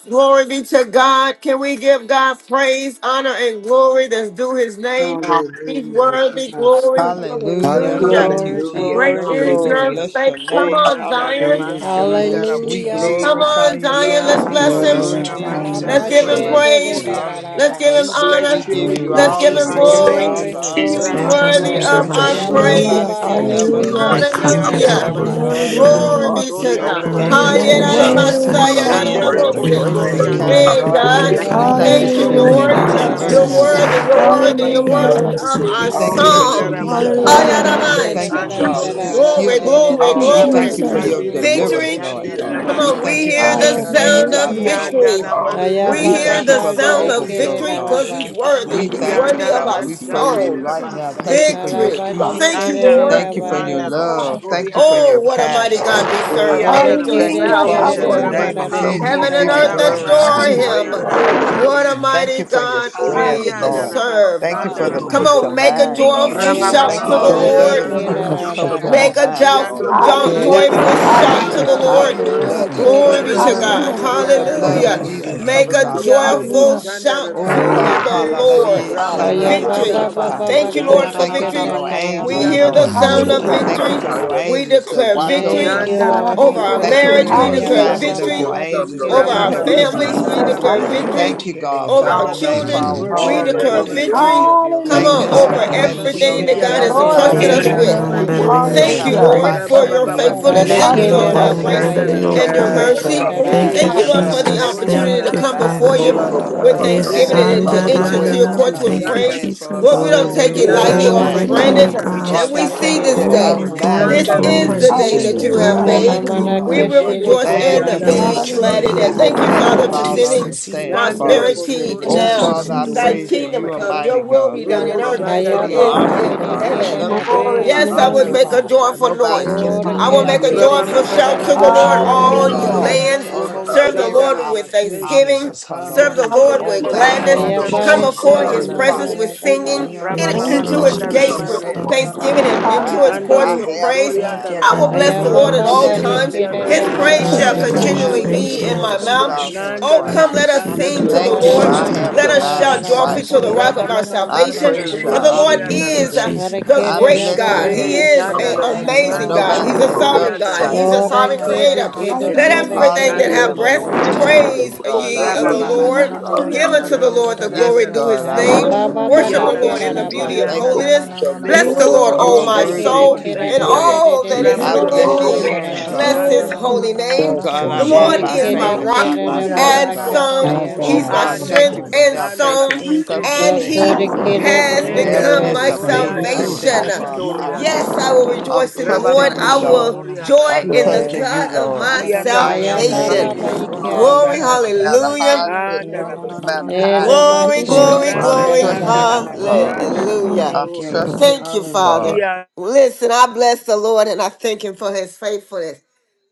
[SPEAKER 1] Glory be to God. Can we give God praise, honor, and glory that's due his name? He's
[SPEAKER 2] Hallelujah,
[SPEAKER 1] worthy. Glory.
[SPEAKER 2] Ramasanda.
[SPEAKER 3] Hallelujah.
[SPEAKER 1] Hallelujah.
[SPEAKER 3] Thank
[SPEAKER 4] Hallelujah.
[SPEAKER 3] you,
[SPEAKER 5] Glory,
[SPEAKER 4] Thank
[SPEAKER 2] Hallelujah,
[SPEAKER 4] you,
[SPEAKER 1] Great
[SPEAKER 5] glory,
[SPEAKER 3] Jesus.
[SPEAKER 1] is
[SPEAKER 3] We
[SPEAKER 5] glory.
[SPEAKER 1] your
[SPEAKER 2] hallelujah.
[SPEAKER 4] Jesus.
[SPEAKER 3] bless
[SPEAKER 1] faith.
[SPEAKER 3] your
[SPEAKER 1] Come
[SPEAKER 2] Oh,
[SPEAKER 3] name.
[SPEAKER 1] on,
[SPEAKER 2] Yanda
[SPEAKER 1] Zion.
[SPEAKER 4] Great
[SPEAKER 3] Hallelujah.
[SPEAKER 4] is your
[SPEAKER 6] God,
[SPEAKER 2] Ramasanda
[SPEAKER 6] thank you,
[SPEAKER 4] mercy
[SPEAKER 3] We
[SPEAKER 4] for us.
[SPEAKER 5] Hallelujah.
[SPEAKER 6] Jesus.
[SPEAKER 2] Rabose.
[SPEAKER 1] Come
[SPEAKER 4] Lord.
[SPEAKER 3] glorify
[SPEAKER 1] on,
[SPEAKER 3] you,
[SPEAKER 6] Hallelujah.
[SPEAKER 1] Zion.
[SPEAKER 3] Lord.
[SPEAKER 1] Let's
[SPEAKER 7] Bless
[SPEAKER 6] I
[SPEAKER 3] You
[SPEAKER 6] got
[SPEAKER 7] your
[SPEAKER 6] a
[SPEAKER 1] bless
[SPEAKER 3] are
[SPEAKER 4] Your
[SPEAKER 1] him.
[SPEAKER 7] name,
[SPEAKER 6] reason
[SPEAKER 2] Yambashanda
[SPEAKER 4] loving
[SPEAKER 6] to
[SPEAKER 7] Jesus.
[SPEAKER 3] worthy
[SPEAKER 6] praise
[SPEAKER 3] to
[SPEAKER 6] and
[SPEAKER 1] Let's
[SPEAKER 3] be
[SPEAKER 4] kindness
[SPEAKER 7] glory,
[SPEAKER 2] Ramasanda
[SPEAKER 1] give
[SPEAKER 6] worship
[SPEAKER 1] him
[SPEAKER 4] for
[SPEAKER 7] glory,
[SPEAKER 4] us.
[SPEAKER 3] praised.
[SPEAKER 6] his
[SPEAKER 3] We
[SPEAKER 1] praise.
[SPEAKER 4] Lord.
[SPEAKER 2] Ramasuria.
[SPEAKER 3] honor
[SPEAKER 6] glorious
[SPEAKER 3] you.
[SPEAKER 1] Let's
[SPEAKER 5] Kalalabashedededadadaba.
[SPEAKER 1] give him
[SPEAKER 2] We
[SPEAKER 6] miraculous name,
[SPEAKER 2] bless
[SPEAKER 3] We
[SPEAKER 1] honor.
[SPEAKER 6] God.
[SPEAKER 2] you,
[SPEAKER 7] glory,
[SPEAKER 3] give
[SPEAKER 2] we
[SPEAKER 3] you
[SPEAKER 4] Lord, your
[SPEAKER 6] Oh,
[SPEAKER 1] Let's
[SPEAKER 3] all
[SPEAKER 1] give
[SPEAKER 3] the
[SPEAKER 1] him
[SPEAKER 6] taste
[SPEAKER 7] glory,
[SPEAKER 2] glorify
[SPEAKER 6] and
[SPEAKER 4] son
[SPEAKER 2] your
[SPEAKER 6] see
[SPEAKER 3] glory,
[SPEAKER 8] Thank
[SPEAKER 7] glory,
[SPEAKER 4] us.
[SPEAKER 6] that
[SPEAKER 1] glory.
[SPEAKER 3] all
[SPEAKER 6] the
[SPEAKER 8] you,
[SPEAKER 7] glory.
[SPEAKER 2] name.
[SPEAKER 3] the
[SPEAKER 5] Glory,
[SPEAKER 6] Lord is
[SPEAKER 3] honor, and
[SPEAKER 8] Jesus.
[SPEAKER 1] He's
[SPEAKER 6] good
[SPEAKER 3] all
[SPEAKER 5] glory,
[SPEAKER 6] and
[SPEAKER 3] the
[SPEAKER 6] his
[SPEAKER 1] worthy
[SPEAKER 3] praise.
[SPEAKER 8] You're
[SPEAKER 9] Hallelujah.
[SPEAKER 1] of
[SPEAKER 6] mercies
[SPEAKER 5] glory.
[SPEAKER 8] so
[SPEAKER 2] Ramasurianda
[SPEAKER 1] our
[SPEAKER 9] Oh
[SPEAKER 6] endure
[SPEAKER 9] glory.
[SPEAKER 10] Ebrabababashe,
[SPEAKER 7] Yes,
[SPEAKER 8] worthy
[SPEAKER 11] Hallelujah,
[SPEAKER 3] Nobody
[SPEAKER 1] praise.
[SPEAKER 9] Oh
[SPEAKER 3] can
[SPEAKER 4] Our
[SPEAKER 2] Rabasete.
[SPEAKER 8] to
[SPEAKER 3] love
[SPEAKER 8] be
[SPEAKER 3] us
[SPEAKER 7] glory,
[SPEAKER 9] glory.
[SPEAKER 4] son
[SPEAKER 11] hallelujah.
[SPEAKER 4] your
[SPEAKER 6] us
[SPEAKER 3] like
[SPEAKER 8] praised.
[SPEAKER 4] son
[SPEAKER 3] you
[SPEAKER 6] all.
[SPEAKER 9] You're
[SPEAKER 7] glory,
[SPEAKER 2] Yanda
[SPEAKER 3] can
[SPEAKER 9] so
[SPEAKER 1] Hallelujah.
[SPEAKER 6] So,
[SPEAKER 3] love
[SPEAKER 8] Hallelujah.
[SPEAKER 3] us,
[SPEAKER 5] Hayabababadadekeshetekalalaba.
[SPEAKER 7] glory.
[SPEAKER 9] worthy.
[SPEAKER 3] Lord.
[SPEAKER 2] Rabasanda
[SPEAKER 9] You
[SPEAKER 6] hallelujah.
[SPEAKER 10] Ekandadadadayosha.
[SPEAKER 1] Glory
[SPEAKER 11] Worthy,
[SPEAKER 9] are
[SPEAKER 1] be to
[SPEAKER 6] Yeah,
[SPEAKER 9] so
[SPEAKER 3] We
[SPEAKER 1] God.
[SPEAKER 6] na-
[SPEAKER 2] Rabosorianda
[SPEAKER 6] na-
[SPEAKER 9] worthy.
[SPEAKER 6] da-
[SPEAKER 11] you
[SPEAKER 3] thank
[SPEAKER 6] da-
[SPEAKER 10] Glory
[SPEAKER 3] you
[SPEAKER 6] da-
[SPEAKER 10] to
[SPEAKER 8] Glory
[SPEAKER 11] are
[SPEAKER 6] bo-
[SPEAKER 8] to
[SPEAKER 10] you,
[SPEAKER 2] Rabasi.
[SPEAKER 6] shi-
[SPEAKER 1] Hallelujah.
[SPEAKER 8] God.
[SPEAKER 3] today
[SPEAKER 6] ah,
[SPEAKER 9] And
[SPEAKER 6] da-
[SPEAKER 8] You're
[SPEAKER 6] da-
[SPEAKER 9] we
[SPEAKER 6] da-
[SPEAKER 11] worthy
[SPEAKER 9] honor
[SPEAKER 3] for
[SPEAKER 8] worthy,
[SPEAKER 6] ba-
[SPEAKER 9] you
[SPEAKER 10] Jesus.
[SPEAKER 11] of
[SPEAKER 6] ya-
[SPEAKER 3] being
[SPEAKER 2] Shanda
[SPEAKER 6] da-
[SPEAKER 11] my
[SPEAKER 6] da-
[SPEAKER 9] that
[SPEAKER 6] da.
[SPEAKER 8] worthy
[SPEAKER 3] such a
[SPEAKER 8] to
[SPEAKER 9] you
[SPEAKER 10] We
[SPEAKER 11] praise.
[SPEAKER 8] be
[SPEAKER 10] honor
[SPEAKER 3] grace
[SPEAKER 9] bless
[SPEAKER 6] Glory,
[SPEAKER 3] and
[SPEAKER 9] you.
[SPEAKER 10] you,
[SPEAKER 2] Rabosorianda
[SPEAKER 8] praised.
[SPEAKER 6] glory,
[SPEAKER 3] kind
[SPEAKER 10] Lord.
[SPEAKER 1] Hey,
[SPEAKER 10] We
[SPEAKER 6] glory.
[SPEAKER 3] God.
[SPEAKER 1] God.
[SPEAKER 8] Hallelujah.
[SPEAKER 6] Thank
[SPEAKER 9] Thank
[SPEAKER 2] Rabake.
[SPEAKER 6] you,
[SPEAKER 10] glorify
[SPEAKER 3] We
[SPEAKER 9] you.
[SPEAKER 10] you.
[SPEAKER 6] God.
[SPEAKER 3] thank you
[SPEAKER 1] Thank
[SPEAKER 3] for
[SPEAKER 1] you,
[SPEAKER 4] Yes,
[SPEAKER 3] your
[SPEAKER 9] Thank
[SPEAKER 2] Robo
[SPEAKER 6] From
[SPEAKER 10] We
[SPEAKER 6] the
[SPEAKER 8] Thank
[SPEAKER 4] Lord.
[SPEAKER 8] you,
[SPEAKER 1] Lord.
[SPEAKER 3] renewed
[SPEAKER 6] rising
[SPEAKER 10] praise
[SPEAKER 4] In
[SPEAKER 6] of
[SPEAKER 2] Sandana
[SPEAKER 10] you
[SPEAKER 8] Jesus.
[SPEAKER 11] Hallelujah,
[SPEAKER 6] the
[SPEAKER 10] for
[SPEAKER 1] You're
[SPEAKER 6] sun to
[SPEAKER 10] this
[SPEAKER 3] mercies
[SPEAKER 9] you.
[SPEAKER 6] the
[SPEAKER 9] You're
[SPEAKER 3] each
[SPEAKER 1] worthy.
[SPEAKER 4] fitness.
[SPEAKER 6] going
[SPEAKER 10] day.
[SPEAKER 5] Olalabadadededededadadadaba.
[SPEAKER 3] and
[SPEAKER 1] You're
[SPEAKER 2] Mashikanda
[SPEAKER 6] down
[SPEAKER 9] so
[SPEAKER 6] of
[SPEAKER 3] every
[SPEAKER 6] the
[SPEAKER 1] worthy.
[SPEAKER 3] day,
[SPEAKER 1] You're
[SPEAKER 9] worthy.
[SPEAKER 6] name
[SPEAKER 2] Rabase.
[SPEAKER 10] Because
[SPEAKER 3] God.
[SPEAKER 10] there
[SPEAKER 1] worthy
[SPEAKER 11] hallelujah,
[SPEAKER 6] of the
[SPEAKER 10] is
[SPEAKER 1] of
[SPEAKER 8] Worthy.
[SPEAKER 10] nothing
[SPEAKER 3] We
[SPEAKER 6] same,
[SPEAKER 1] our
[SPEAKER 6] your
[SPEAKER 10] to
[SPEAKER 3] thank you
[SPEAKER 6] name
[SPEAKER 3] for
[SPEAKER 10] this.
[SPEAKER 3] your
[SPEAKER 2] Ikorianda
[SPEAKER 6] will
[SPEAKER 1] song.
[SPEAKER 3] peace
[SPEAKER 10] Mm.
[SPEAKER 6] be
[SPEAKER 8] Hallelujah.
[SPEAKER 3] of
[SPEAKER 2] rabasanda
[SPEAKER 3] mind.
[SPEAKER 11] hallelujah.
[SPEAKER 3] We
[SPEAKER 8] Thank
[SPEAKER 1] Hallelujah.
[SPEAKER 6] Praise
[SPEAKER 8] you,
[SPEAKER 3] thank you,
[SPEAKER 2] ramasanda
[SPEAKER 6] God.
[SPEAKER 3] God, for
[SPEAKER 8] Jesus.
[SPEAKER 3] your
[SPEAKER 2] robosha.
[SPEAKER 1] Glory,
[SPEAKER 3] healing.
[SPEAKER 11] Thank
[SPEAKER 1] glory,
[SPEAKER 11] you,
[SPEAKER 3] We
[SPEAKER 5] Koradededededadadadabashededadaba.
[SPEAKER 1] glory.
[SPEAKER 3] thank you for
[SPEAKER 8] Hallelujah.
[SPEAKER 3] your
[SPEAKER 11] Jesus.
[SPEAKER 2] Rabasande
[SPEAKER 8] Glory
[SPEAKER 3] deliverance,
[SPEAKER 1] Victory.
[SPEAKER 2] rebosha
[SPEAKER 3] Lord
[SPEAKER 8] to
[SPEAKER 2] ande
[SPEAKER 8] your
[SPEAKER 6] Hiyanadadadaboshiadadadabayadadaboshiyada-
[SPEAKER 3] God.
[SPEAKER 1] Come
[SPEAKER 8] name.
[SPEAKER 3] We
[SPEAKER 1] on,
[SPEAKER 2] rabase.
[SPEAKER 1] we
[SPEAKER 3] thank you for
[SPEAKER 1] hear the
[SPEAKER 3] making ways
[SPEAKER 1] sound of
[SPEAKER 3] out of
[SPEAKER 11] Hallelujah.
[SPEAKER 3] no
[SPEAKER 9] Hallelujah.
[SPEAKER 3] way,
[SPEAKER 2] Ianda
[SPEAKER 1] victory.
[SPEAKER 3] God.
[SPEAKER 1] We
[SPEAKER 3] We
[SPEAKER 8] Hallelujah.
[SPEAKER 11] Thank
[SPEAKER 2] ramasanda
[SPEAKER 1] hear
[SPEAKER 3] thank you
[SPEAKER 1] the
[SPEAKER 11] you,
[SPEAKER 3] for the
[SPEAKER 1] sound
[SPEAKER 11] Father.
[SPEAKER 1] of
[SPEAKER 2] rabaseke
[SPEAKER 6] Iyadadadadadadaboshiadadabayadadaboshiyadadadabaya.
[SPEAKER 3] overflow,
[SPEAKER 1] victory
[SPEAKER 3] God.
[SPEAKER 2] robos.
[SPEAKER 1] because
[SPEAKER 6] Thank
[SPEAKER 1] he's
[SPEAKER 6] you,
[SPEAKER 5] Hayabababadededededadadaba.
[SPEAKER 6] Father.
[SPEAKER 1] worthy.
[SPEAKER 3] We
[SPEAKER 1] He's
[SPEAKER 3] thank you,
[SPEAKER 1] worthy
[SPEAKER 2] Ianda
[SPEAKER 1] of
[SPEAKER 3] God.
[SPEAKER 1] our
[SPEAKER 11] Thank
[SPEAKER 3] We
[SPEAKER 11] you,
[SPEAKER 3] praise
[SPEAKER 2] rabashande
[SPEAKER 3] you
[SPEAKER 1] song.
[SPEAKER 3] right now.
[SPEAKER 11] Jesus.
[SPEAKER 3] Thank you
[SPEAKER 2] rabase.
[SPEAKER 3] for your
[SPEAKER 6] Thank
[SPEAKER 1] Victory.
[SPEAKER 6] you,
[SPEAKER 7] You were
[SPEAKER 8] I'm terrible.
[SPEAKER 6] Father.
[SPEAKER 3] peace.
[SPEAKER 7] worthy,
[SPEAKER 1] Thank you,
[SPEAKER 2] Yanda
[SPEAKER 1] Lord.
[SPEAKER 3] Thank you
[SPEAKER 7] you
[SPEAKER 3] for
[SPEAKER 11] Thank
[SPEAKER 3] your
[SPEAKER 7] were
[SPEAKER 2] rabasanda
[SPEAKER 11] you,
[SPEAKER 5] Kalabashikededededadadaba.
[SPEAKER 3] love.
[SPEAKER 11] Father.
[SPEAKER 2] rabosuri
[SPEAKER 3] Thank you for
[SPEAKER 2] anda
[SPEAKER 6] Iyadadadadadaboshiadadada-
[SPEAKER 1] Oh,
[SPEAKER 6] Thank
[SPEAKER 3] your
[SPEAKER 1] what
[SPEAKER 6] you,
[SPEAKER 1] a
[SPEAKER 2] rabash.
[SPEAKER 7] worthy,
[SPEAKER 1] mighty
[SPEAKER 3] kindness.
[SPEAKER 1] God
[SPEAKER 6] Jesus.
[SPEAKER 1] we serve.
[SPEAKER 2] Ianda
[SPEAKER 6] Hallelujah.
[SPEAKER 1] Angels
[SPEAKER 3] Thank
[SPEAKER 6] Thank
[SPEAKER 3] you,
[SPEAKER 6] you,
[SPEAKER 1] bow
[SPEAKER 11] Hallelujah,
[SPEAKER 2] rabasori
[SPEAKER 7] you
[SPEAKER 8] Terrible.
[SPEAKER 3] Father,
[SPEAKER 2] anda
[SPEAKER 7] were
[SPEAKER 3] in
[SPEAKER 6] Jesus.
[SPEAKER 1] before
[SPEAKER 3] the
[SPEAKER 11] hallelujah,
[SPEAKER 1] him.
[SPEAKER 3] name of
[SPEAKER 2] rabase.
[SPEAKER 8] Terrible.
[SPEAKER 3] Jesus. We
[SPEAKER 7] worthy,
[SPEAKER 1] Heaven
[SPEAKER 6] Hallelujah.
[SPEAKER 1] and
[SPEAKER 3] give you
[SPEAKER 1] earth
[SPEAKER 6] Thank you,
[SPEAKER 5] Orekededededadadadadadadadadaba.
[SPEAKER 11] hallelujah,
[SPEAKER 3] glory,
[SPEAKER 2] Ramama
[SPEAKER 9] And
[SPEAKER 7] you
[SPEAKER 9] I
[SPEAKER 3] honor,
[SPEAKER 1] adore
[SPEAKER 6] Jesus,
[SPEAKER 3] and
[SPEAKER 7] were
[SPEAKER 9] got
[SPEAKER 6] God.
[SPEAKER 2] sotori
[SPEAKER 7] worthy,
[SPEAKER 3] praise,
[SPEAKER 1] him.
[SPEAKER 2] anda
[SPEAKER 3] Lord.
[SPEAKER 8] Terrible.
[SPEAKER 1] What
[SPEAKER 2] rabash.
[SPEAKER 1] a
[SPEAKER 6] Hallelujah.
[SPEAKER 3] Thank
[SPEAKER 1] mighty
[SPEAKER 3] you for your
[SPEAKER 1] God
[SPEAKER 3] strength,
[SPEAKER 1] we
[SPEAKER 8] Terrible.
[SPEAKER 6] Hallelujah.
[SPEAKER 3] Lord.
[SPEAKER 11] hallelujah,
[SPEAKER 3] Thank
[SPEAKER 1] serve.
[SPEAKER 3] you for the
[SPEAKER 8] Terrible.
[SPEAKER 1] Come
[SPEAKER 3] peace
[SPEAKER 6] Hallelujah.
[SPEAKER 8] Terrible.
[SPEAKER 3] of
[SPEAKER 1] on,
[SPEAKER 7] you were
[SPEAKER 2] Iandarabasandarabasoria.
[SPEAKER 1] make a
[SPEAKER 3] mind,
[SPEAKER 7] worthy,
[SPEAKER 6] Thank you,
[SPEAKER 3] God.
[SPEAKER 1] joyful shout
[SPEAKER 6] Jesus.
[SPEAKER 3] Thank
[SPEAKER 7] you
[SPEAKER 3] you
[SPEAKER 1] to
[SPEAKER 3] for
[SPEAKER 1] the
[SPEAKER 3] the
[SPEAKER 2] Ramamamasori
[SPEAKER 8] Hallelujah.
[SPEAKER 4] Yes,
[SPEAKER 3] blood of
[SPEAKER 1] Lord.
[SPEAKER 7] were
[SPEAKER 4] Lord.
[SPEAKER 3] Jesus
[SPEAKER 4] Yes,
[SPEAKER 7] worthy,
[SPEAKER 4] Lord.
[SPEAKER 3] covers
[SPEAKER 2] andaramaseke.
[SPEAKER 3] our
[SPEAKER 8] Shandalamosi,
[SPEAKER 1] Make
[SPEAKER 5] Ayababa-ba-de-ke-ra-ra-ba-ra-ra-ba.
[SPEAKER 1] a
[SPEAKER 5] ba
[SPEAKER 3] mind,
[SPEAKER 1] jo-
[SPEAKER 3] Lord.
[SPEAKER 6] Hiyanadadadadadaboshiadadadabayadadada.
[SPEAKER 8] Shandalamosi.
[SPEAKER 2] Iandobo
[SPEAKER 1] jo-
[SPEAKER 7] you
[SPEAKER 4] Yes,
[SPEAKER 3] Nothing
[SPEAKER 1] joyful
[SPEAKER 11] hallelujah,
[SPEAKER 3] can
[SPEAKER 4] Lord. Yes, Lord.
[SPEAKER 6] Yeah,
[SPEAKER 3] come
[SPEAKER 6] no,
[SPEAKER 1] shout
[SPEAKER 4] Yes,
[SPEAKER 3] through
[SPEAKER 6] no,
[SPEAKER 1] to
[SPEAKER 7] were
[SPEAKER 3] the
[SPEAKER 1] the
[SPEAKER 6] no,
[SPEAKER 11] hallelujah,
[SPEAKER 7] worthy.
[SPEAKER 6] no,
[SPEAKER 4] Lord.
[SPEAKER 6] no,
[SPEAKER 1] Lord.
[SPEAKER 6] no,
[SPEAKER 3] blood,
[SPEAKER 8] You're
[SPEAKER 2] shandarabasandarabase.
[SPEAKER 3] the
[SPEAKER 6] no, no,
[SPEAKER 8] worthy
[SPEAKER 4] Yes,
[SPEAKER 6] no.
[SPEAKER 11] hallelujah.
[SPEAKER 3] blood,
[SPEAKER 8] to
[SPEAKER 3] the
[SPEAKER 6] Thank
[SPEAKER 8] be
[SPEAKER 6] you,
[SPEAKER 1] Glory
[SPEAKER 3] blood,
[SPEAKER 7] Oh, Glory,
[SPEAKER 1] be
[SPEAKER 7] glory,
[SPEAKER 3] the
[SPEAKER 8] praised,
[SPEAKER 1] to
[SPEAKER 6] Jesus.
[SPEAKER 3] blood.
[SPEAKER 1] God.
[SPEAKER 8] Father
[SPEAKER 11] Hallelujah.
[SPEAKER 6] Glory,
[SPEAKER 2] Ramamamasori
[SPEAKER 8] God.
[SPEAKER 3] The
[SPEAKER 6] Lord. Glory,
[SPEAKER 3] blood of
[SPEAKER 1] Hallelujah.
[SPEAKER 6] glory,
[SPEAKER 2] andarabase.
[SPEAKER 5] Tore-ke-de-ke-ra-ra-ba-ra-ra-ba-sa-ya.
[SPEAKER 3] Jesus
[SPEAKER 6] glory.
[SPEAKER 1] Make
[SPEAKER 3] covers
[SPEAKER 1] a
[SPEAKER 3] our
[SPEAKER 8] Hallelujah.
[SPEAKER 3] body,
[SPEAKER 2] Iandobo
[SPEAKER 1] joyful
[SPEAKER 11] Hallelujah.
[SPEAKER 3] Lord.
[SPEAKER 1] shout to
[SPEAKER 4] Lord.
[SPEAKER 3] Oh
[SPEAKER 7] glory,
[SPEAKER 4] Oh,
[SPEAKER 3] God,
[SPEAKER 8] Shandalamosi.
[SPEAKER 1] the
[SPEAKER 2] shandarabaseta.
[SPEAKER 8] Yelamosi,
[SPEAKER 7] glory,
[SPEAKER 4] yes,
[SPEAKER 1] Lord.
[SPEAKER 3] hallelujah,
[SPEAKER 5] sa ya
[SPEAKER 8] Yelamosi,
[SPEAKER 3] shanda
[SPEAKER 6] Hallelujah.
[SPEAKER 3] la
[SPEAKER 6] Thank
[SPEAKER 5] ayababa
[SPEAKER 1] Victory.
[SPEAKER 6] you,
[SPEAKER 5] ba ba
[SPEAKER 8] Shandalamosi.
[SPEAKER 5] ba
[SPEAKER 3] sata.
[SPEAKER 8] Shandalamosi,
[SPEAKER 6] Father.
[SPEAKER 5] ba ba
[SPEAKER 2] Ramamasandarabasori
[SPEAKER 1] Thank you,
[SPEAKER 6] Yee
[SPEAKER 5] ka
[SPEAKER 8] Yelamosi.
[SPEAKER 1] Lord,
[SPEAKER 6] da
[SPEAKER 3] Oh,
[SPEAKER 6] da
[SPEAKER 1] for
[SPEAKER 6] da
[SPEAKER 3] thank you
[SPEAKER 6] da
[SPEAKER 3] for
[SPEAKER 6] da
[SPEAKER 2] andarabase.
[SPEAKER 1] victory.
[SPEAKER 5] shakata
[SPEAKER 6] ba
[SPEAKER 3] your
[SPEAKER 6] ya na na na
[SPEAKER 1] We
[SPEAKER 3] angels,
[SPEAKER 6] na
[SPEAKER 5] ba.
[SPEAKER 6] da
[SPEAKER 1] hear
[SPEAKER 6] da
[SPEAKER 1] the
[SPEAKER 3] Lord.
[SPEAKER 2] Iandobo
[SPEAKER 6] da boo
[SPEAKER 1] sound
[SPEAKER 6] chee
[SPEAKER 1] of
[SPEAKER 6] da
[SPEAKER 2] shotori
[SPEAKER 6] da
[SPEAKER 11] Hallelujah.
[SPEAKER 6] ba
[SPEAKER 3] Thank
[SPEAKER 6] ba
[SPEAKER 3] you
[SPEAKER 1] victory.
[SPEAKER 3] for
[SPEAKER 6] ya da
[SPEAKER 3] your
[SPEAKER 6] da.
[SPEAKER 8] Yelamosi,
[SPEAKER 1] We
[SPEAKER 2] andarabaseke.
[SPEAKER 3] angels that
[SPEAKER 1] declare
[SPEAKER 6] Yee ya
[SPEAKER 3] watch
[SPEAKER 6] no, da
[SPEAKER 3] over
[SPEAKER 6] da
[SPEAKER 1] victory
[SPEAKER 5] Thank
[SPEAKER 6] da
[SPEAKER 5] you,
[SPEAKER 3] us,
[SPEAKER 6] da da da
[SPEAKER 3] God.
[SPEAKER 5] Lord,
[SPEAKER 6] be
[SPEAKER 1] over
[SPEAKER 5] for
[SPEAKER 6] ya da
[SPEAKER 2] Nandarabasori
[SPEAKER 1] our
[SPEAKER 6] da
[SPEAKER 3] Thank
[SPEAKER 6] da
[SPEAKER 3] you
[SPEAKER 11] Arabokoshe.
[SPEAKER 3] for
[SPEAKER 6] boo.
[SPEAKER 1] marriage.
[SPEAKER 5] victory.
[SPEAKER 1] We
[SPEAKER 3] your
[SPEAKER 6] Thank you,
[SPEAKER 1] declare
[SPEAKER 2] andarabaseke.
[SPEAKER 11] Hallelujah.
[SPEAKER 3] assignment
[SPEAKER 6] Jesus,
[SPEAKER 3] of
[SPEAKER 1] victory
[SPEAKER 8] Yelamosi,
[SPEAKER 3] your
[SPEAKER 6] God.
[SPEAKER 3] angels
[SPEAKER 1] over
[SPEAKER 3] that
[SPEAKER 8] Shandalamosi.
[SPEAKER 3] you
[SPEAKER 1] our
[SPEAKER 6] Thank
[SPEAKER 11] Thank
[SPEAKER 6] you,
[SPEAKER 3] have
[SPEAKER 5] Ayababa-ba-ba-de-ke-ra-ra-ba.
[SPEAKER 11] you,
[SPEAKER 2] Ramamama
[SPEAKER 6] Lord.
[SPEAKER 3] given
[SPEAKER 1] families.
[SPEAKER 3] us,
[SPEAKER 1] We
[SPEAKER 11] Jesus.
[SPEAKER 2] Sandara
[SPEAKER 3] God.
[SPEAKER 1] declare
[SPEAKER 6] Hallelujah.
[SPEAKER 11] Hallelujah.
[SPEAKER 6] Glory
[SPEAKER 2] Bashete.
[SPEAKER 1] victory
[SPEAKER 3] Thank
[SPEAKER 6] to
[SPEAKER 3] you,
[SPEAKER 6] your
[SPEAKER 9] it.
[SPEAKER 3] God,
[SPEAKER 6] name,
[SPEAKER 1] over
[SPEAKER 3] for in
[SPEAKER 1] our
[SPEAKER 6] God.
[SPEAKER 3] the
[SPEAKER 9] I'll
[SPEAKER 3] name
[SPEAKER 2] Rababa
[SPEAKER 3] for
[SPEAKER 6] We
[SPEAKER 1] children.
[SPEAKER 3] our
[SPEAKER 6] worship
[SPEAKER 1] We
[SPEAKER 3] warring
[SPEAKER 6] you,
[SPEAKER 2] Sotorianda
[SPEAKER 1] declare
[SPEAKER 6] Lord, in
[SPEAKER 3] angels,
[SPEAKER 6] the
[SPEAKER 8] Hallelujah.
[SPEAKER 3] God.
[SPEAKER 6] beauty
[SPEAKER 1] victory.
[SPEAKER 2] Ramaseke.
[SPEAKER 6] of your
[SPEAKER 1] Come
[SPEAKER 3] Thank
[SPEAKER 1] on,
[SPEAKER 3] you,
[SPEAKER 6] holiness,
[SPEAKER 11] Hallelujah.
[SPEAKER 3] Lord,
[SPEAKER 1] over
[SPEAKER 3] for
[SPEAKER 6] God.
[SPEAKER 3] letting
[SPEAKER 2] Ramamama
[SPEAKER 3] us
[SPEAKER 6] We
[SPEAKER 3] know
[SPEAKER 1] everything
[SPEAKER 10] Ebrababababashe,
[SPEAKER 3] the
[SPEAKER 1] that God
[SPEAKER 2] Sotianda
[SPEAKER 3] battle
[SPEAKER 1] has
[SPEAKER 3] has
[SPEAKER 6] magnify
[SPEAKER 11] Glory
[SPEAKER 6] your
[SPEAKER 1] entrusted
[SPEAKER 11] to
[SPEAKER 4] Lord.
[SPEAKER 3] already
[SPEAKER 6] name,
[SPEAKER 1] us
[SPEAKER 11] your
[SPEAKER 2] Ramasanda
[SPEAKER 3] been
[SPEAKER 1] with.
[SPEAKER 5] Tore-ra-ra-ba-shakata-ra-de-ra-ra-ba-ha.
[SPEAKER 6] God.
[SPEAKER 8] You're
[SPEAKER 11] name.
[SPEAKER 3] won,
[SPEAKER 6] We
[SPEAKER 3] Lord.
[SPEAKER 8] worthy
[SPEAKER 3] We
[SPEAKER 2] Rabatoria.
[SPEAKER 8] to
[SPEAKER 3] don't
[SPEAKER 1] Thank
[SPEAKER 8] be
[SPEAKER 6] worship
[SPEAKER 4] Yes,
[SPEAKER 1] you,
[SPEAKER 3] have
[SPEAKER 6] you,
[SPEAKER 3] to
[SPEAKER 11] Hallelujah.
[SPEAKER 4] and
[SPEAKER 1] Lord,
[SPEAKER 8] praised,
[SPEAKER 10] Ekendadadadadayoshande,
[SPEAKER 3] fight
[SPEAKER 6] Lord.
[SPEAKER 3] it,
[SPEAKER 1] for
[SPEAKER 8] Father
[SPEAKER 1] your
[SPEAKER 3] Lord.
[SPEAKER 6] Holy,
[SPEAKER 8] God.
[SPEAKER 2] Rababa
[SPEAKER 1] faithfulness.
[SPEAKER 6] holy,
[SPEAKER 4] Shakatabaya.
[SPEAKER 3] Thank
[SPEAKER 1] Thank
[SPEAKER 3] you,
[SPEAKER 1] you,
[SPEAKER 2] Sorianda
[SPEAKER 6] holy,
[SPEAKER 1] Lord,
[SPEAKER 3] Lord,
[SPEAKER 1] for your
[SPEAKER 3] in
[SPEAKER 11] Hallelujah.
[SPEAKER 3] the
[SPEAKER 6] holy.
[SPEAKER 3] name
[SPEAKER 1] grace
[SPEAKER 2] Ramashanda
[SPEAKER 3] of
[SPEAKER 8] Hallelujah.
[SPEAKER 3] Jesus
[SPEAKER 6] Lord
[SPEAKER 1] and
[SPEAKER 3] for
[SPEAKER 1] your
[SPEAKER 2] Rabase.
[SPEAKER 6] God
[SPEAKER 10] Eshandadadadadadayoko.
[SPEAKER 4] Yes,
[SPEAKER 3] changing
[SPEAKER 1] mercy.
[SPEAKER 3] our
[SPEAKER 8] Shandalamosi.
[SPEAKER 6] Almighty,
[SPEAKER 4] Odava
[SPEAKER 11] Thank you,
[SPEAKER 10] Thank
[SPEAKER 3] mind.
[SPEAKER 6] God.
[SPEAKER 10] you,
[SPEAKER 2] Eh,
[SPEAKER 1] Thank
[SPEAKER 3] Letting
[SPEAKER 1] you,
[SPEAKER 3] us
[SPEAKER 11] Father.
[SPEAKER 1] Lord, for
[SPEAKER 3] have
[SPEAKER 2] Yababa
[SPEAKER 3] a
[SPEAKER 5] Tare-ke-ra-ra-ba-ha-ya-ra-ma-ko-sha-tare-ke-ra-ba-ha.
[SPEAKER 6] Ya
[SPEAKER 1] the
[SPEAKER 6] na
[SPEAKER 3] let
[SPEAKER 10] Jesus.
[SPEAKER 3] me
[SPEAKER 6] na na na
[SPEAKER 3] have
[SPEAKER 4] Shatamayasi.
[SPEAKER 1] opportunity
[SPEAKER 3] a
[SPEAKER 2] Sorianda
[SPEAKER 6] na
[SPEAKER 10] Thank
[SPEAKER 1] to
[SPEAKER 3] new
[SPEAKER 10] you,
[SPEAKER 6] na
[SPEAKER 1] come
[SPEAKER 6] na na bo
[SPEAKER 1] before
[SPEAKER 10] Father.
[SPEAKER 8] Thank
[SPEAKER 3] mindset,
[SPEAKER 6] shi
[SPEAKER 1] you
[SPEAKER 2] Ramasike.
[SPEAKER 6] ya da
[SPEAKER 3] Lord.
[SPEAKER 6] da
[SPEAKER 1] with
[SPEAKER 6] ba ba
[SPEAKER 10] Yes,
[SPEAKER 6] ba
[SPEAKER 4] Olavasa
[SPEAKER 6] ya
[SPEAKER 3] Thank
[SPEAKER 1] thanksgiving
[SPEAKER 2] Romo
[SPEAKER 3] you
[SPEAKER 6] da
[SPEAKER 3] for
[SPEAKER 6] da
[SPEAKER 1] and
[SPEAKER 10] son,
[SPEAKER 6] ba
[SPEAKER 1] to
[SPEAKER 10] da,
[SPEAKER 6] ya
[SPEAKER 3] Romans
[SPEAKER 10] da,
[SPEAKER 6] na
[SPEAKER 1] enter
[SPEAKER 10] da,
[SPEAKER 6] na
[SPEAKER 1] into
[SPEAKER 2] Sotorianda
[SPEAKER 4] Talabayas.
[SPEAKER 6] na
[SPEAKER 3] 12
[SPEAKER 1] your
[SPEAKER 6] na
[SPEAKER 3] and
[SPEAKER 6] na
[SPEAKER 10] yo.
[SPEAKER 3] 2
[SPEAKER 1] courts
[SPEAKER 6] na
[SPEAKER 3] be
[SPEAKER 6] na
[SPEAKER 1] with
[SPEAKER 6] na
[SPEAKER 3] ye
[SPEAKER 10] Thank you,
[SPEAKER 6] na.
[SPEAKER 2] Ramashanda
[SPEAKER 1] praise.
[SPEAKER 3] transformed
[SPEAKER 2] Rabas.
[SPEAKER 1] Lord,
[SPEAKER 3] by
[SPEAKER 1] we
[SPEAKER 10] Jesus.
[SPEAKER 3] the
[SPEAKER 1] don't
[SPEAKER 6] Oh,
[SPEAKER 1] take
[SPEAKER 6] we
[SPEAKER 1] it
[SPEAKER 3] renewing of
[SPEAKER 2] Yanda
[SPEAKER 3] your
[SPEAKER 11] Thank
[SPEAKER 1] lightly
[SPEAKER 6] worship
[SPEAKER 1] or
[SPEAKER 11] you,
[SPEAKER 4] Olavasa
[SPEAKER 6] you,
[SPEAKER 1] for
[SPEAKER 3] mind.
[SPEAKER 10] Glory to
[SPEAKER 6] Lord.
[SPEAKER 10] your
[SPEAKER 1] granted
[SPEAKER 2] Rabasorianda
[SPEAKER 6] We
[SPEAKER 4] Katamas.
[SPEAKER 10] God.
[SPEAKER 11] Jesus.
[SPEAKER 1] that
[SPEAKER 6] just
[SPEAKER 2] Rabas.
[SPEAKER 3] Father,
[SPEAKER 1] we
[SPEAKER 3] I
[SPEAKER 6] thank you,
[SPEAKER 1] see
[SPEAKER 3] thank you
[SPEAKER 6] God,
[SPEAKER 1] this
[SPEAKER 6] for
[SPEAKER 3] that my
[SPEAKER 6] being
[SPEAKER 1] day.
[SPEAKER 10] Glory,
[SPEAKER 6] able
[SPEAKER 5] Tore-ke-ra-ke-ra-ba-ka-shara-ke-ra-ra-ba-ha.
[SPEAKER 6] to come
[SPEAKER 3] mind
[SPEAKER 4] Thank
[SPEAKER 10] glory,
[SPEAKER 3] is
[SPEAKER 2] Nanda
[SPEAKER 6] into
[SPEAKER 4] you,
[SPEAKER 1] This
[SPEAKER 6] your
[SPEAKER 1] is
[SPEAKER 3] renewed
[SPEAKER 10] glory,
[SPEAKER 1] the
[SPEAKER 6] presence
[SPEAKER 3] each
[SPEAKER 1] day
[SPEAKER 6] just
[SPEAKER 3] and
[SPEAKER 1] that
[SPEAKER 2] Rabasete.
[SPEAKER 6] one
[SPEAKER 1] you
[SPEAKER 6] more
[SPEAKER 3] every
[SPEAKER 1] have
[SPEAKER 11] Hallelujah.
[SPEAKER 4] Lord.
[SPEAKER 6] day,
[SPEAKER 3] day
[SPEAKER 10] glory,
[SPEAKER 6] God.
[SPEAKER 3] in
[SPEAKER 1] made.
[SPEAKER 3] you,
[SPEAKER 1] We
[SPEAKER 6] We
[SPEAKER 3] God.
[SPEAKER 11] Hallelujah.
[SPEAKER 10] glory.
[SPEAKER 1] will
[SPEAKER 2] Robo
[SPEAKER 1] rejoice
[SPEAKER 6] magnify you.
[SPEAKER 1] and
[SPEAKER 3] Thank
[SPEAKER 6] We
[SPEAKER 3] you
[SPEAKER 2] Sorianda
[SPEAKER 3] for your
[SPEAKER 5] Alamana-ke-shara-ke-ra-ra-ba-ha.
[SPEAKER 1] be
[SPEAKER 6] exalt your
[SPEAKER 10] Yes,
[SPEAKER 1] glad
[SPEAKER 11] Hallelujah.
[SPEAKER 2] Ramasike
[SPEAKER 6] name,
[SPEAKER 3] peace
[SPEAKER 1] in
[SPEAKER 3] that
[SPEAKER 1] it.
[SPEAKER 2] and
[SPEAKER 10] Father.
[SPEAKER 6] God.
[SPEAKER 1] Thank you,
[SPEAKER 10] Thank
[SPEAKER 3] surpasses
[SPEAKER 2] Rabosha.
[SPEAKER 10] you,
[SPEAKER 11] Hallelujah.
[SPEAKER 1] Father,
[SPEAKER 6] Oh,
[SPEAKER 1] for
[SPEAKER 3] all
[SPEAKER 6] taste
[SPEAKER 1] sending
[SPEAKER 6] and
[SPEAKER 10] Jesus.
[SPEAKER 6] see that
[SPEAKER 3] understanding,
[SPEAKER 6] the
[SPEAKER 2] Nanda
[SPEAKER 6] Lord
[SPEAKER 2] da
[SPEAKER 3] Father.
[SPEAKER 6] is good
[SPEAKER 1] prosperity
[SPEAKER 6] and
[SPEAKER 10] Thank you,
[SPEAKER 6] his
[SPEAKER 2] bosoria
[SPEAKER 3] Oh,
[SPEAKER 11] Thank you,
[SPEAKER 2] anda
[SPEAKER 1] now.
[SPEAKER 2] da
[SPEAKER 6] mercies
[SPEAKER 3] Father, I
[SPEAKER 10] Jesus.
[SPEAKER 1] Thy
[SPEAKER 6] endure
[SPEAKER 11] Jesus.
[SPEAKER 3] praise you.
[SPEAKER 2] masike.
[SPEAKER 1] kingdom
[SPEAKER 3] You are
[SPEAKER 6] forever,
[SPEAKER 1] come, your
[SPEAKER 3] mighty
[SPEAKER 6] God.
[SPEAKER 1] will
[SPEAKER 3] God.
[SPEAKER 1] be done in
[SPEAKER 2] Romo
[SPEAKER 1] earth as
[SPEAKER 2] shanda na
[SPEAKER 1] it
[SPEAKER 3] You
[SPEAKER 6] Yadadadadadadabo,
[SPEAKER 1] is
[SPEAKER 5] Hayaba
[SPEAKER 3] are awesome,
[SPEAKER 2] masike.
[SPEAKER 1] in
[SPEAKER 5] babere
[SPEAKER 3] God.
[SPEAKER 6] yadadabo,
[SPEAKER 3] I
[SPEAKER 1] heaven.
[SPEAKER 3] love
[SPEAKER 5] kerera
[SPEAKER 3] you,
[SPEAKER 6] shiyadadaba.
[SPEAKER 3] Lord.
[SPEAKER 11] Glory
[SPEAKER 5] baha.
[SPEAKER 11] to
[SPEAKER 3] I
[SPEAKER 2] Hey,
[SPEAKER 11] your
[SPEAKER 1] Yes, I
[SPEAKER 3] honor
[SPEAKER 6] Thank
[SPEAKER 2] yada
[SPEAKER 1] would
[SPEAKER 6] you,
[SPEAKER 3] you.
[SPEAKER 2] da
[SPEAKER 1] make
[SPEAKER 11] name.
[SPEAKER 1] a
[SPEAKER 6] Father.
[SPEAKER 1] joyful
[SPEAKER 2] basanda da bas.
[SPEAKER 3] Nobody
[SPEAKER 1] noise.
[SPEAKER 6] Thank you,
[SPEAKER 3] can do
[SPEAKER 5] Gora
[SPEAKER 1] I
[SPEAKER 3] me
[SPEAKER 1] will
[SPEAKER 6] Father.
[SPEAKER 5] kere
[SPEAKER 3] like
[SPEAKER 1] make
[SPEAKER 10] Hallelujah.
[SPEAKER 1] a
[SPEAKER 3] you can
[SPEAKER 2] Rama
[SPEAKER 5] kerere
[SPEAKER 3] do
[SPEAKER 1] joyful
[SPEAKER 6] Hallelujah.
[SPEAKER 2] mama
[SPEAKER 3] me,
[SPEAKER 1] shout
[SPEAKER 5] kerera
[SPEAKER 1] to
[SPEAKER 3] Lord.
[SPEAKER 2] sanda
[SPEAKER 1] the
[SPEAKER 6] Dadadabo,
[SPEAKER 2] na
[SPEAKER 5] baha
[SPEAKER 1] Lord,
[SPEAKER 3] Oh
[SPEAKER 5] shana
[SPEAKER 1] all
[SPEAKER 2] masike.
[SPEAKER 1] you
[SPEAKER 3] God,
[SPEAKER 11] Hallelujah.
[SPEAKER 3] help
[SPEAKER 5] mahaya.
[SPEAKER 10] Hallelujah.
[SPEAKER 3] me
[SPEAKER 6] shiyananadadadadaba,
[SPEAKER 3] to
[SPEAKER 1] lands.
[SPEAKER 2] Romo
[SPEAKER 3] overcome
[SPEAKER 1] Serve
[SPEAKER 6] yadadaba.
[SPEAKER 1] the
[SPEAKER 3] every
[SPEAKER 2] shanda
[SPEAKER 1] Lord
[SPEAKER 2] da na
[SPEAKER 1] with
[SPEAKER 6] Thank
[SPEAKER 3] obs-
[SPEAKER 6] you,
[SPEAKER 2] masike.
[SPEAKER 1] thanksgiving.
[SPEAKER 6] Jesus.
[SPEAKER 3] obstacle, Lord.
[SPEAKER 1] Serve the
[SPEAKER 6] Hallelujah.
[SPEAKER 1] Lord
[SPEAKER 3] Oh,
[SPEAKER 1] with
[SPEAKER 2] Yanda
[SPEAKER 11] Hallelujah.
[SPEAKER 2] na
[SPEAKER 3] thank you,
[SPEAKER 6] Thank
[SPEAKER 1] gladness.
[SPEAKER 3] God,
[SPEAKER 6] you,
[SPEAKER 10] Thank
[SPEAKER 3] for
[SPEAKER 2] masanda
[SPEAKER 10] you,
[SPEAKER 2] na
[SPEAKER 1] Come
[SPEAKER 5] Hayaba
[SPEAKER 3] helping me
[SPEAKER 6] Jesus.
[SPEAKER 10] Jesus.
[SPEAKER 1] before
[SPEAKER 2] masoria
[SPEAKER 5] shana
[SPEAKER 3] trust the
[SPEAKER 1] his
[SPEAKER 2] anda da bas.
[SPEAKER 1] presence
[SPEAKER 6] Hallelujah.
[SPEAKER 5] mahara
[SPEAKER 1] with
[SPEAKER 3] process,
[SPEAKER 1] singing,
[SPEAKER 5] bahaya.
[SPEAKER 3] God.
[SPEAKER 1] in,
[SPEAKER 2] Rama
[SPEAKER 10] Yes,
[SPEAKER 2] mama
[SPEAKER 3] Oh,
[SPEAKER 11] Thank
[SPEAKER 1] into
[SPEAKER 11] you,
[SPEAKER 3] thank you
[SPEAKER 1] his
[SPEAKER 2] sanda
[SPEAKER 6] Yadadadadadabo,
[SPEAKER 3] for
[SPEAKER 10] Lord.
[SPEAKER 2] na
[SPEAKER 11] Jesus.
[SPEAKER 3] your
[SPEAKER 1] gates
[SPEAKER 10] Yes,
[SPEAKER 1] with
[SPEAKER 3] strength.
[SPEAKER 2] masike.
[SPEAKER 3] Thank
[SPEAKER 10] Lord.
[SPEAKER 3] you
[SPEAKER 6] shiyadadadadaba,
[SPEAKER 3] for
[SPEAKER 1] thanksgiving,
[SPEAKER 3] my
[SPEAKER 1] and into
[SPEAKER 6] yadadadaba,
[SPEAKER 1] his
[SPEAKER 3] mind,
[SPEAKER 8] you.
[SPEAKER 3] for
[SPEAKER 6] yada.
[SPEAKER 2] Shanda
[SPEAKER 11] Hallelujah.
[SPEAKER 3] I
[SPEAKER 1] courts
[SPEAKER 2] da
[SPEAKER 1] with
[SPEAKER 7] worthy,
[SPEAKER 3] have the
[SPEAKER 1] praise.
[SPEAKER 2] bosoria
[SPEAKER 6] Thank
[SPEAKER 2] anda
[SPEAKER 3] mind
[SPEAKER 6] you,
[SPEAKER 3] of
[SPEAKER 1] I
[SPEAKER 2] da
[SPEAKER 1] will
[SPEAKER 10] And
[SPEAKER 6] God.
[SPEAKER 10] the
[SPEAKER 3] Christ.
[SPEAKER 1] bless
[SPEAKER 8] Thank
[SPEAKER 1] the
[SPEAKER 5] Hayaba
[SPEAKER 1] Lord
[SPEAKER 2] basete.
[SPEAKER 1] at
[SPEAKER 10] Baba
[SPEAKER 3] You
[SPEAKER 7] you
[SPEAKER 1] all
[SPEAKER 3] said
[SPEAKER 6] Hallelujah,
[SPEAKER 3] in
[SPEAKER 5] babare
[SPEAKER 10] Shem.
[SPEAKER 7] are
[SPEAKER 6] God.
[SPEAKER 1] times.
[SPEAKER 3] Philippians
[SPEAKER 2] Yando
[SPEAKER 5] kerera
[SPEAKER 1] His
[SPEAKER 2] bo
[SPEAKER 3] 2 and
[SPEAKER 6] Yeah, no,
[SPEAKER 1] praise
[SPEAKER 6] no,
[SPEAKER 3] 5,
[SPEAKER 2] shanda
[SPEAKER 10] Thank
[SPEAKER 6] no,
[SPEAKER 1] shall
[SPEAKER 10] you,
[SPEAKER 4] Yes,
[SPEAKER 5] barara
[SPEAKER 2] da
[SPEAKER 6] The
[SPEAKER 3] let
[SPEAKER 5] ba.
[SPEAKER 11] Hallelujah.
[SPEAKER 3] this
[SPEAKER 6] the
[SPEAKER 7] You're
[SPEAKER 10] Lord.
[SPEAKER 4] God,
[SPEAKER 3] mind
[SPEAKER 1] continually
[SPEAKER 6] joy of
[SPEAKER 3] be
[SPEAKER 2] basete.
[SPEAKER 6] the
[SPEAKER 4] Yes,
[SPEAKER 10] Thank
[SPEAKER 3] in
[SPEAKER 1] be in
[SPEAKER 10] you.
[SPEAKER 3] you,
[SPEAKER 6] Lord
[SPEAKER 1] my
[SPEAKER 7] worthy,
[SPEAKER 3] which
[SPEAKER 6] is
[SPEAKER 3] was
[SPEAKER 4] God.
[SPEAKER 6] my
[SPEAKER 1] mouth.
[SPEAKER 4] Yes,
[SPEAKER 3] also
[SPEAKER 6] strength,
[SPEAKER 3] in
[SPEAKER 2] Nanda
[SPEAKER 1] Oh,
[SPEAKER 2] da
[SPEAKER 6] God.
[SPEAKER 10] Thank
[SPEAKER 3] Christ
[SPEAKER 1] come,
[SPEAKER 10] you,
[SPEAKER 1] let
[SPEAKER 3] Jesus.
[SPEAKER 1] us
[SPEAKER 6] I
[SPEAKER 10] Jesus.
[SPEAKER 2] basanda
[SPEAKER 6] can
[SPEAKER 1] sing
[SPEAKER 4] God.
[SPEAKER 2] da
[SPEAKER 6] do
[SPEAKER 1] to the
[SPEAKER 10] That
[SPEAKER 7] you're
[SPEAKER 6] all
[SPEAKER 3] Thank you
[SPEAKER 4] Yes,
[SPEAKER 3] for
[SPEAKER 1] Lord.
[SPEAKER 6] things
[SPEAKER 5] Halaraba
[SPEAKER 2] basoria
[SPEAKER 3] I
[SPEAKER 6] through
[SPEAKER 2] anda
[SPEAKER 3] have
[SPEAKER 2] da
[SPEAKER 1] Let
[SPEAKER 3] the
[SPEAKER 7] worthy.
[SPEAKER 1] us
[SPEAKER 6] Christ
[SPEAKER 5] shikara
[SPEAKER 6] who
[SPEAKER 3] mind
[SPEAKER 2] basete.
[SPEAKER 1] shout
[SPEAKER 3] of
[SPEAKER 5] lara
[SPEAKER 10] that's
[SPEAKER 1] joyfully
[SPEAKER 6] strengthens
[SPEAKER 1] to
[SPEAKER 3] Christ,
[SPEAKER 10] it,
[SPEAKER 1] the
[SPEAKER 6] me,
[SPEAKER 5] bahaya.
[SPEAKER 3] Lord.
[SPEAKER 1] rock
[SPEAKER 10] right.
[SPEAKER 1] of
[SPEAKER 6] God.
[SPEAKER 1] our
[SPEAKER 2] Ramama
[SPEAKER 7] Da-da-da-da.
[SPEAKER 3] I
[SPEAKER 6] Lord,
[SPEAKER 2] Masanda
[SPEAKER 6] I
[SPEAKER 1] salvation.
[SPEAKER 6] just
[SPEAKER 3] praise you.
[SPEAKER 1] For
[SPEAKER 3] I
[SPEAKER 1] the
[SPEAKER 3] honor
[SPEAKER 1] Lord
[SPEAKER 6] worship
[SPEAKER 2] Rabasuri
[SPEAKER 3] you
[SPEAKER 2] and
[SPEAKER 6] you,
[SPEAKER 7] Hallelujah.
[SPEAKER 10] Thank you,
[SPEAKER 6] God.
[SPEAKER 1] is
[SPEAKER 2] Rabas.
[SPEAKER 1] uh,
[SPEAKER 3] today.
[SPEAKER 5] Bara
[SPEAKER 1] the
[SPEAKER 6] I
[SPEAKER 10] Jesus.
[SPEAKER 3] I
[SPEAKER 5] kerera
[SPEAKER 1] great
[SPEAKER 10] Yes,
[SPEAKER 6] worship
[SPEAKER 3] bless
[SPEAKER 10] Lord.
[SPEAKER 6] you,
[SPEAKER 3] your
[SPEAKER 1] God.
[SPEAKER 5] bara
[SPEAKER 1] He
[SPEAKER 2] E
[SPEAKER 6] God.
[SPEAKER 3] name
[SPEAKER 7] Oh,
[SPEAKER 1] is an
[SPEAKER 5] kashara
[SPEAKER 3] today.
[SPEAKER 2] Kanana
[SPEAKER 6] I
[SPEAKER 11] Hallelujah.
[SPEAKER 3] But
[SPEAKER 5] bahaya.
[SPEAKER 1] amazing
[SPEAKER 2] Masanda
[SPEAKER 7] oh,
[SPEAKER 6] exalt
[SPEAKER 1] God.
[SPEAKER 6] your
[SPEAKER 3] nobody
[SPEAKER 1] He's a
[SPEAKER 6] name,
[SPEAKER 3] can
[SPEAKER 6] God.
[SPEAKER 3] love
[SPEAKER 2] Rabasuri
[SPEAKER 7] oh,
[SPEAKER 1] sovereign
[SPEAKER 2] and
[SPEAKER 3] me
[SPEAKER 1] God.
[SPEAKER 3] like
[SPEAKER 2] Rabas.
[SPEAKER 6] Yeah,
[SPEAKER 1] He's
[SPEAKER 3] you
[SPEAKER 1] a
[SPEAKER 6] no, no,
[SPEAKER 5] Ora
[SPEAKER 6] no,
[SPEAKER 7] oh,
[SPEAKER 1] sovereign
[SPEAKER 6] no,
[SPEAKER 3] can
[SPEAKER 6] no,
[SPEAKER 3] love me,
[SPEAKER 6] no,
[SPEAKER 5] kere
[SPEAKER 6] no,
[SPEAKER 1] creator.
[SPEAKER 6] no,
[SPEAKER 3] Lord.
[SPEAKER 6] no, no,
[SPEAKER 5] kere
[SPEAKER 2] Eke
[SPEAKER 6] no,
[SPEAKER 1] Let
[SPEAKER 6] no,
[SPEAKER 5] kere
[SPEAKER 2] Robo
[SPEAKER 6] Papa, yeah,
[SPEAKER 7] oh,
[SPEAKER 1] everything
[SPEAKER 6] da,
[SPEAKER 1] that
[SPEAKER 5] kere
[SPEAKER 6] da,
[SPEAKER 7] oh,
[SPEAKER 2] Shanda
[SPEAKER 6] da,
[SPEAKER 1] have
[SPEAKER 6] bo-
[SPEAKER 1] breath
[SPEAKER 3] Hallelujah.
[SPEAKER 6] be- be-
[SPEAKER 5] bashaya.
[SPEAKER 6] da, da,
[SPEAKER 3] Worship
[SPEAKER 2] Ramaseta.
[SPEAKER 6] da, da,
[SPEAKER 3] you,
[SPEAKER 6] da.
[SPEAKER 1] praise
[SPEAKER 3] God.
[SPEAKER 7] oh.
[SPEAKER 3] I
[SPEAKER 1] ye
[SPEAKER 7] oh,
[SPEAKER 1] of the
[SPEAKER 6] Yeah,
[SPEAKER 3] worship
[SPEAKER 6] no,
[SPEAKER 2] Rababa
[SPEAKER 6] no,
[SPEAKER 3] you,
[SPEAKER 1] Lord.
[SPEAKER 11] Hallelujah.
[SPEAKER 6] no, no, no,
[SPEAKER 3] God.
[SPEAKER 2] Sotori
[SPEAKER 6] no,
[SPEAKER 1] Give
[SPEAKER 2] and
[SPEAKER 6] no, no,
[SPEAKER 1] unto
[SPEAKER 6] bo-
[SPEAKER 1] the
[SPEAKER 6] yeah, da,
[SPEAKER 1] Lord
[SPEAKER 6] da,
[SPEAKER 1] the
[SPEAKER 6] da, da, bo-
[SPEAKER 1] glory
[SPEAKER 3] Yes,
[SPEAKER 2] Ramasanda
[SPEAKER 6] yeah,
[SPEAKER 1] due
[SPEAKER 6] da,
[SPEAKER 2] Rabas.
[SPEAKER 6] da,
[SPEAKER 3] God,
[SPEAKER 1] his
[SPEAKER 3] I
[SPEAKER 6] be-
[SPEAKER 1] name.
[SPEAKER 5] Hayaba
[SPEAKER 6] yeah, da,
[SPEAKER 3] worship
[SPEAKER 6] da, ba-
[SPEAKER 3] you.
[SPEAKER 11] Hallelujah.
[SPEAKER 6] yeah,
[SPEAKER 1] Worship
[SPEAKER 5] babare
[SPEAKER 1] the
[SPEAKER 6] da.
[SPEAKER 2] Ianda
[SPEAKER 1] Lord in the
[SPEAKER 5] kerera
[SPEAKER 11] Hallelujah.
[SPEAKER 3] Hallelujah.
[SPEAKER 5] ba.
[SPEAKER 1] beauty
[SPEAKER 7] Da-da-da-da.
[SPEAKER 6] Yeah,
[SPEAKER 2] Rabasori
[SPEAKER 1] of
[SPEAKER 6] no,
[SPEAKER 2] and
[SPEAKER 6] no,
[SPEAKER 3] Thank you,
[SPEAKER 6] no, no,
[SPEAKER 1] holiness.
[SPEAKER 6] no, no,
[SPEAKER 3] Jesus.
[SPEAKER 6] no, no, no,
[SPEAKER 2] Rabase.
[SPEAKER 1] Bless the
[SPEAKER 6] no, no,
[SPEAKER 1] Lord,
[SPEAKER 11] Glory,
[SPEAKER 6] bo-
[SPEAKER 3] You
[SPEAKER 1] O
[SPEAKER 3] are
[SPEAKER 5] Ora
[SPEAKER 6] yeah,
[SPEAKER 1] my
[SPEAKER 9] take
[SPEAKER 6] da,
[SPEAKER 2] Thank
[SPEAKER 6] da,
[SPEAKER 2] you,
[SPEAKER 3] worthy
[SPEAKER 6] ba-
[SPEAKER 5] kere
[SPEAKER 2] Lord.
[SPEAKER 11] glory,
[SPEAKER 6] yeah,
[SPEAKER 1] soul,
[SPEAKER 3] to
[SPEAKER 6] da,
[SPEAKER 3] be
[SPEAKER 6] da.
[SPEAKER 1] and
[SPEAKER 2] Thank you.
[SPEAKER 3] praised.
[SPEAKER 1] all
[SPEAKER 6] Thank
[SPEAKER 1] that
[SPEAKER 9] you
[SPEAKER 6] you,
[SPEAKER 1] is
[SPEAKER 3] I
[SPEAKER 5] kerera
[SPEAKER 2] Ramama
[SPEAKER 1] within
[SPEAKER 3] bless your
[SPEAKER 2] Sanda
[SPEAKER 1] me.
[SPEAKER 5] basaya
[SPEAKER 11] glory,
[SPEAKER 3] name, God.
[SPEAKER 1] Bless
[SPEAKER 5] rabaha.
[SPEAKER 1] his
[SPEAKER 2] Rabashanda Rabas.
[SPEAKER 11] glory.
[SPEAKER 1] holy
[SPEAKER 4] God.
[SPEAKER 3] But
[SPEAKER 1] name.
[SPEAKER 4] Yes,
[SPEAKER 3] God, I
[SPEAKER 1] The
[SPEAKER 11] We
[SPEAKER 4] God,
[SPEAKER 3] walk
[SPEAKER 1] Lord
[SPEAKER 11] bless
[SPEAKER 2] E
[SPEAKER 3] by
[SPEAKER 9] to
[SPEAKER 11] the
[SPEAKER 1] is
[SPEAKER 9] this
[SPEAKER 2] Yanda
[SPEAKER 1] my
[SPEAKER 5] Karikere
[SPEAKER 3] faith and
[SPEAKER 11] name,
[SPEAKER 1] rock
[SPEAKER 3] not by
[SPEAKER 5] kirere
[SPEAKER 2] Rabosori
[SPEAKER 11] Jesus.
[SPEAKER 2] and
[SPEAKER 3] sight,
[SPEAKER 1] and
[SPEAKER 5] barara
[SPEAKER 2] Rabas.
[SPEAKER 3] God.
[SPEAKER 1] song.
[SPEAKER 4] Oh,
[SPEAKER 5] kashaya.
[SPEAKER 3] Oh
[SPEAKER 1] He's
[SPEAKER 4] God,
[SPEAKER 1] my
[SPEAKER 3] God,
[SPEAKER 2] Anda
[SPEAKER 4] Yes,
[SPEAKER 3] thank
[SPEAKER 1] strength
[SPEAKER 11] Jesus.
[SPEAKER 3] you
[SPEAKER 4] God.
[SPEAKER 3] for
[SPEAKER 1] and
[SPEAKER 3] now
[SPEAKER 2] Rabashanda
[SPEAKER 3] faith is
[SPEAKER 1] song,
[SPEAKER 3] the
[SPEAKER 11] Jesus.
[SPEAKER 3] substance
[SPEAKER 2] Rabaseke.
[SPEAKER 3] of
[SPEAKER 1] and
[SPEAKER 3] things
[SPEAKER 6] Jesus.
[SPEAKER 1] he
[SPEAKER 5] Bakore
[SPEAKER 3] hoped
[SPEAKER 6] Glory,
[SPEAKER 3] for
[SPEAKER 11] Hallelujah.
[SPEAKER 8] you.
[SPEAKER 5] kirere
[SPEAKER 6] glory,
[SPEAKER 1] has
[SPEAKER 3] and the
[SPEAKER 5] bakore
[SPEAKER 6] glory,
[SPEAKER 2] Nenda da
[SPEAKER 1] become
[SPEAKER 4] Yes,
[SPEAKER 3] evidence
[SPEAKER 1] my
[SPEAKER 6] glory,
[SPEAKER 5] kari
[SPEAKER 3] of
[SPEAKER 4] God.
[SPEAKER 3] things
[SPEAKER 5] kara
[SPEAKER 6] glory,
[SPEAKER 4] It
[SPEAKER 2] bosorianda
[SPEAKER 3] not
[SPEAKER 2] da
[SPEAKER 4] is
[SPEAKER 6] glory.
[SPEAKER 1] salvation.
[SPEAKER 3] seen,
[SPEAKER 5] bahaya.
[SPEAKER 2] masika
[SPEAKER 7] Hallelujah.
[SPEAKER 4] Shaka.
[SPEAKER 3] Father. I
[SPEAKER 2] orianda
[SPEAKER 3] thank
[SPEAKER 2] da
[SPEAKER 1] Yes,
[SPEAKER 3] you.
[SPEAKER 2] mas.
[SPEAKER 1] I will
[SPEAKER 3] I'm
[SPEAKER 1] rejoice in the Lord.
[SPEAKER 3] trusting
[SPEAKER 2] Rababa
[SPEAKER 3] you,
[SPEAKER 1] I
[SPEAKER 11] Hallelujah.
[SPEAKER 3] Lord.
[SPEAKER 1] will
[SPEAKER 2] shotorianda da
[SPEAKER 1] joy
[SPEAKER 3] I'm
[SPEAKER 1] in
[SPEAKER 2] mas.
[SPEAKER 1] the
[SPEAKER 6] Thank you,
[SPEAKER 4] Yes,
[SPEAKER 3] trusting you,
[SPEAKER 1] God of
[SPEAKER 3] Lord.
[SPEAKER 1] my
[SPEAKER 6] Father.
[SPEAKER 2] Ianda da
[SPEAKER 3] I am
[SPEAKER 5] Aya baba
[SPEAKER 1] salvation.
[SPEAKER 3] trusting
[SPEAKER 2] baseke
[SPEAKER 4] yes.
[SPEAKER 3] you,
[SPEAKER 2] robo
[SPEAKER 5] bayikya
[SPEAKER 3] God.
[SPEAKER 1] Glory,
[SPEAKER 2] shanda
[SPEAKER 3] No
[SPEAKER 2] da
[SPEAKER 5] bahasha.
[SPEAKER 2] ba.
[SPEAKER 3] matter
[SPEAKER 1] hallelujah.
[SPEAKER 3] how I look,
[SPEAKER 2] Kanda
[SPEAKER 7] La-la-la-la-la-la.
[SPEAKER 2] da
[SPEAKER 3] no matter
[SPEAKER 2] basa.
[SPEAKER 3] how I
[SPEAKER 5] Ere
[SPEAKER 8] Hallelujah.
[SPEAKER 3] feel,
[SPEAKER 1] Glory,
[SPEAKER 5] basha
[SPEAKER 10] Glory,
[SPEAKER 11] Glory,
[SPEAKER 1] glory,
[SPEAKER 3] I'm
[SPEAKER 10] glory,
[SPEAKER 2] Rama
[SPEAKER 5] bashara
[SPEAKER 1] glory.
[SPEAKER 2] sanda
[SPEAKER 10] glory.
[SPEAKER 3] trusting you,
[SPEAKER 5] baha.
[SPEAKER 3] God.
[SPEAKER 2] bashanda
[SPEAKER 11] glory,
[SPEAKER 2] da
[SPEAKER 1] Hallelujah.
[SPEAKER 11] glory.
[SPEAKER 3] I'm
[SPEAKER 6] Thank you,
[SPEAKER 2] basoria.
[SPEAKER 10] Uh,
[SPEAKER 6] Lord.
[SPEAKER 3] trusting
[SPEAKER 1] Thank you,
[SPEAKER 3] you,
[SPEAKER 6] Hallelujah.
[SPEAKER 3] God.
[SPEAKER 1] Father.
[SPEAKER 2] Ia
[SPEAKER 1] Listen, I bless the Lord and I thank him for his faithfulness.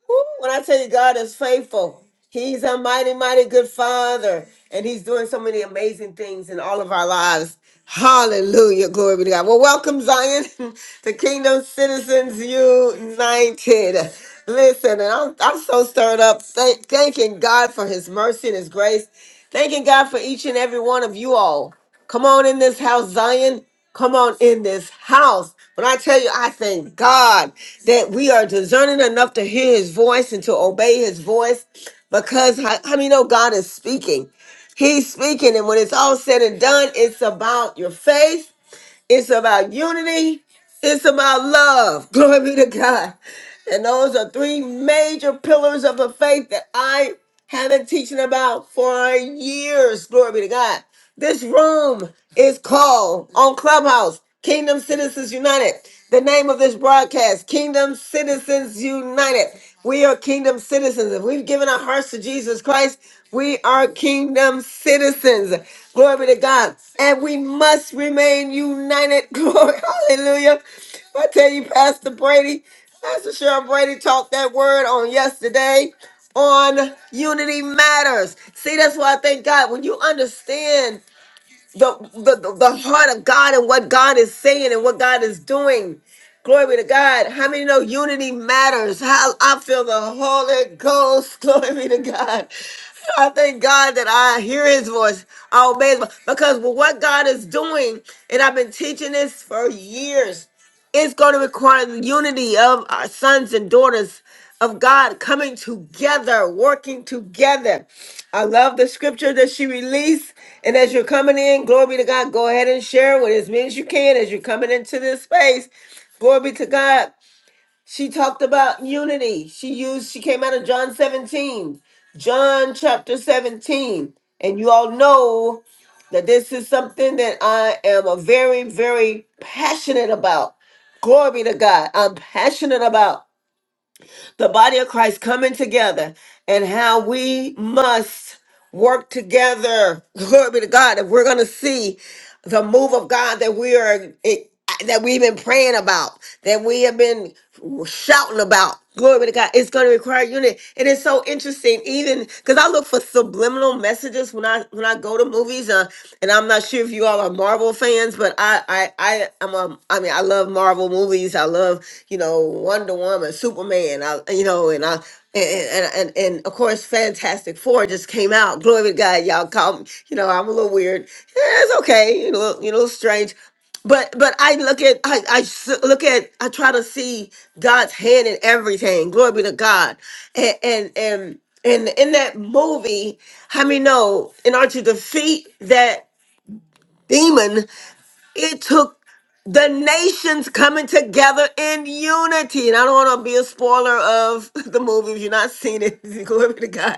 [SPEAKER 1] Woo, when I tell you God is faithful, He's a mighty, mighty good Father, and He's doing so many amazing things in all of our lives. Hallelujah. Glory be to God. Well, welcome, Zion, to Kingdom Citizens United. Listen, and I'm, I'm so stirred up, thank, thanking God for His mercy and His grace. Thanking God for each and every one of you all. Come on in this house, Zion. Come on in this house. When I tell you, I thank God that we are discerning enough to hear his voice and to obey his voice because I, I mean, know God is speaking. He's speaking. And when it's all said and done, it's about your faith, it's about unity, it's about love. Glory be to God. And those are three major pillars of the faith that I have been teaching about for years. Glory be to God. This room is called on Clubhouse Kingdom Citizens United. The name of this broadcast, Kingdom Citizens United. We are kingdom citizens. If we've given our hearts to Jesus Christ, we are kingdom citizens. Glory be to God. And we must remain united. Glory. Hallelujah. I tell you, Pastor Brady, Pastor Cheryl Brady taught that word on yesterday on unity matters. See, that's why I thank God when you understand the, the, the, heart of God and what God is saying and what God is doing. Glory be to God. How many know unity matters? How I feel the Holy Ghost. Glory be to God. I thank God that I hear his voice. I obey his voice. Because with what God is doing, and I've been teaching this for years, it's going to require the unity of our sons and daughters of God coming together, working together. I love the scripture that she released. And as you're coming in, glory be to God, go ahead and share with as many as you can as you're coming into this space. Glory be to God. She talked about unity. She used, she came out of John 17, John chapter 17. And you all know that this is something that I am a very, very passionate about. Glory be to God. I'm passionate about the body of Christ coming together and how we must work together. Glory be to God. If we're going to see the move of God that we are it, that we've been praying about, that we have been shouting about. Glory be to God. It's going to require unity. It is so interesting, even because I look for subliminal messages when I when I go to movies. Uh, and I'm not sure if you all are Marvel fans, but I I I am a I mean I love Marvel movies. I love you know Wonder Woman, Superman. I you know and I and and and, and of course Fantastic Four just came out. Glory to God, y'all. Call me. You know I'm a little weird. Yeah, it's okay. You know you know strange. But but I look at I, I s- look at I try to see God's hand in everything. Glory be to God. And and and and in that movie, how many know And aren't you the feet that demon. It took the nations coming together in unity. And I don't want to be a spoiler of the movie if you're not seen it. Glory be to God.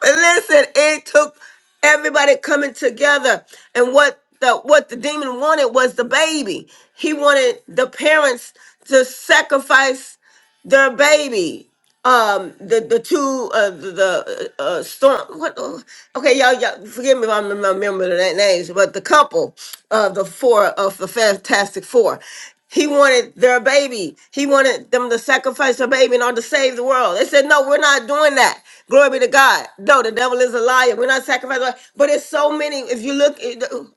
[SPEAKER 1] But listen, it took everybody coming together. And what the what the demon wanted was the baby. He wanted the parents to sacrifice their baby um the the two uh the, the uh uh, storm what uh, okay y'all y'all forgive me if i'm not remembering their names but the couple of the four of the fantastic four he wanted their baby he wanted them to sacrifice their baby in order to save the world they said no we're not doing that glory be to god no the devil is a liar we're not sacrificing but it's so many if you look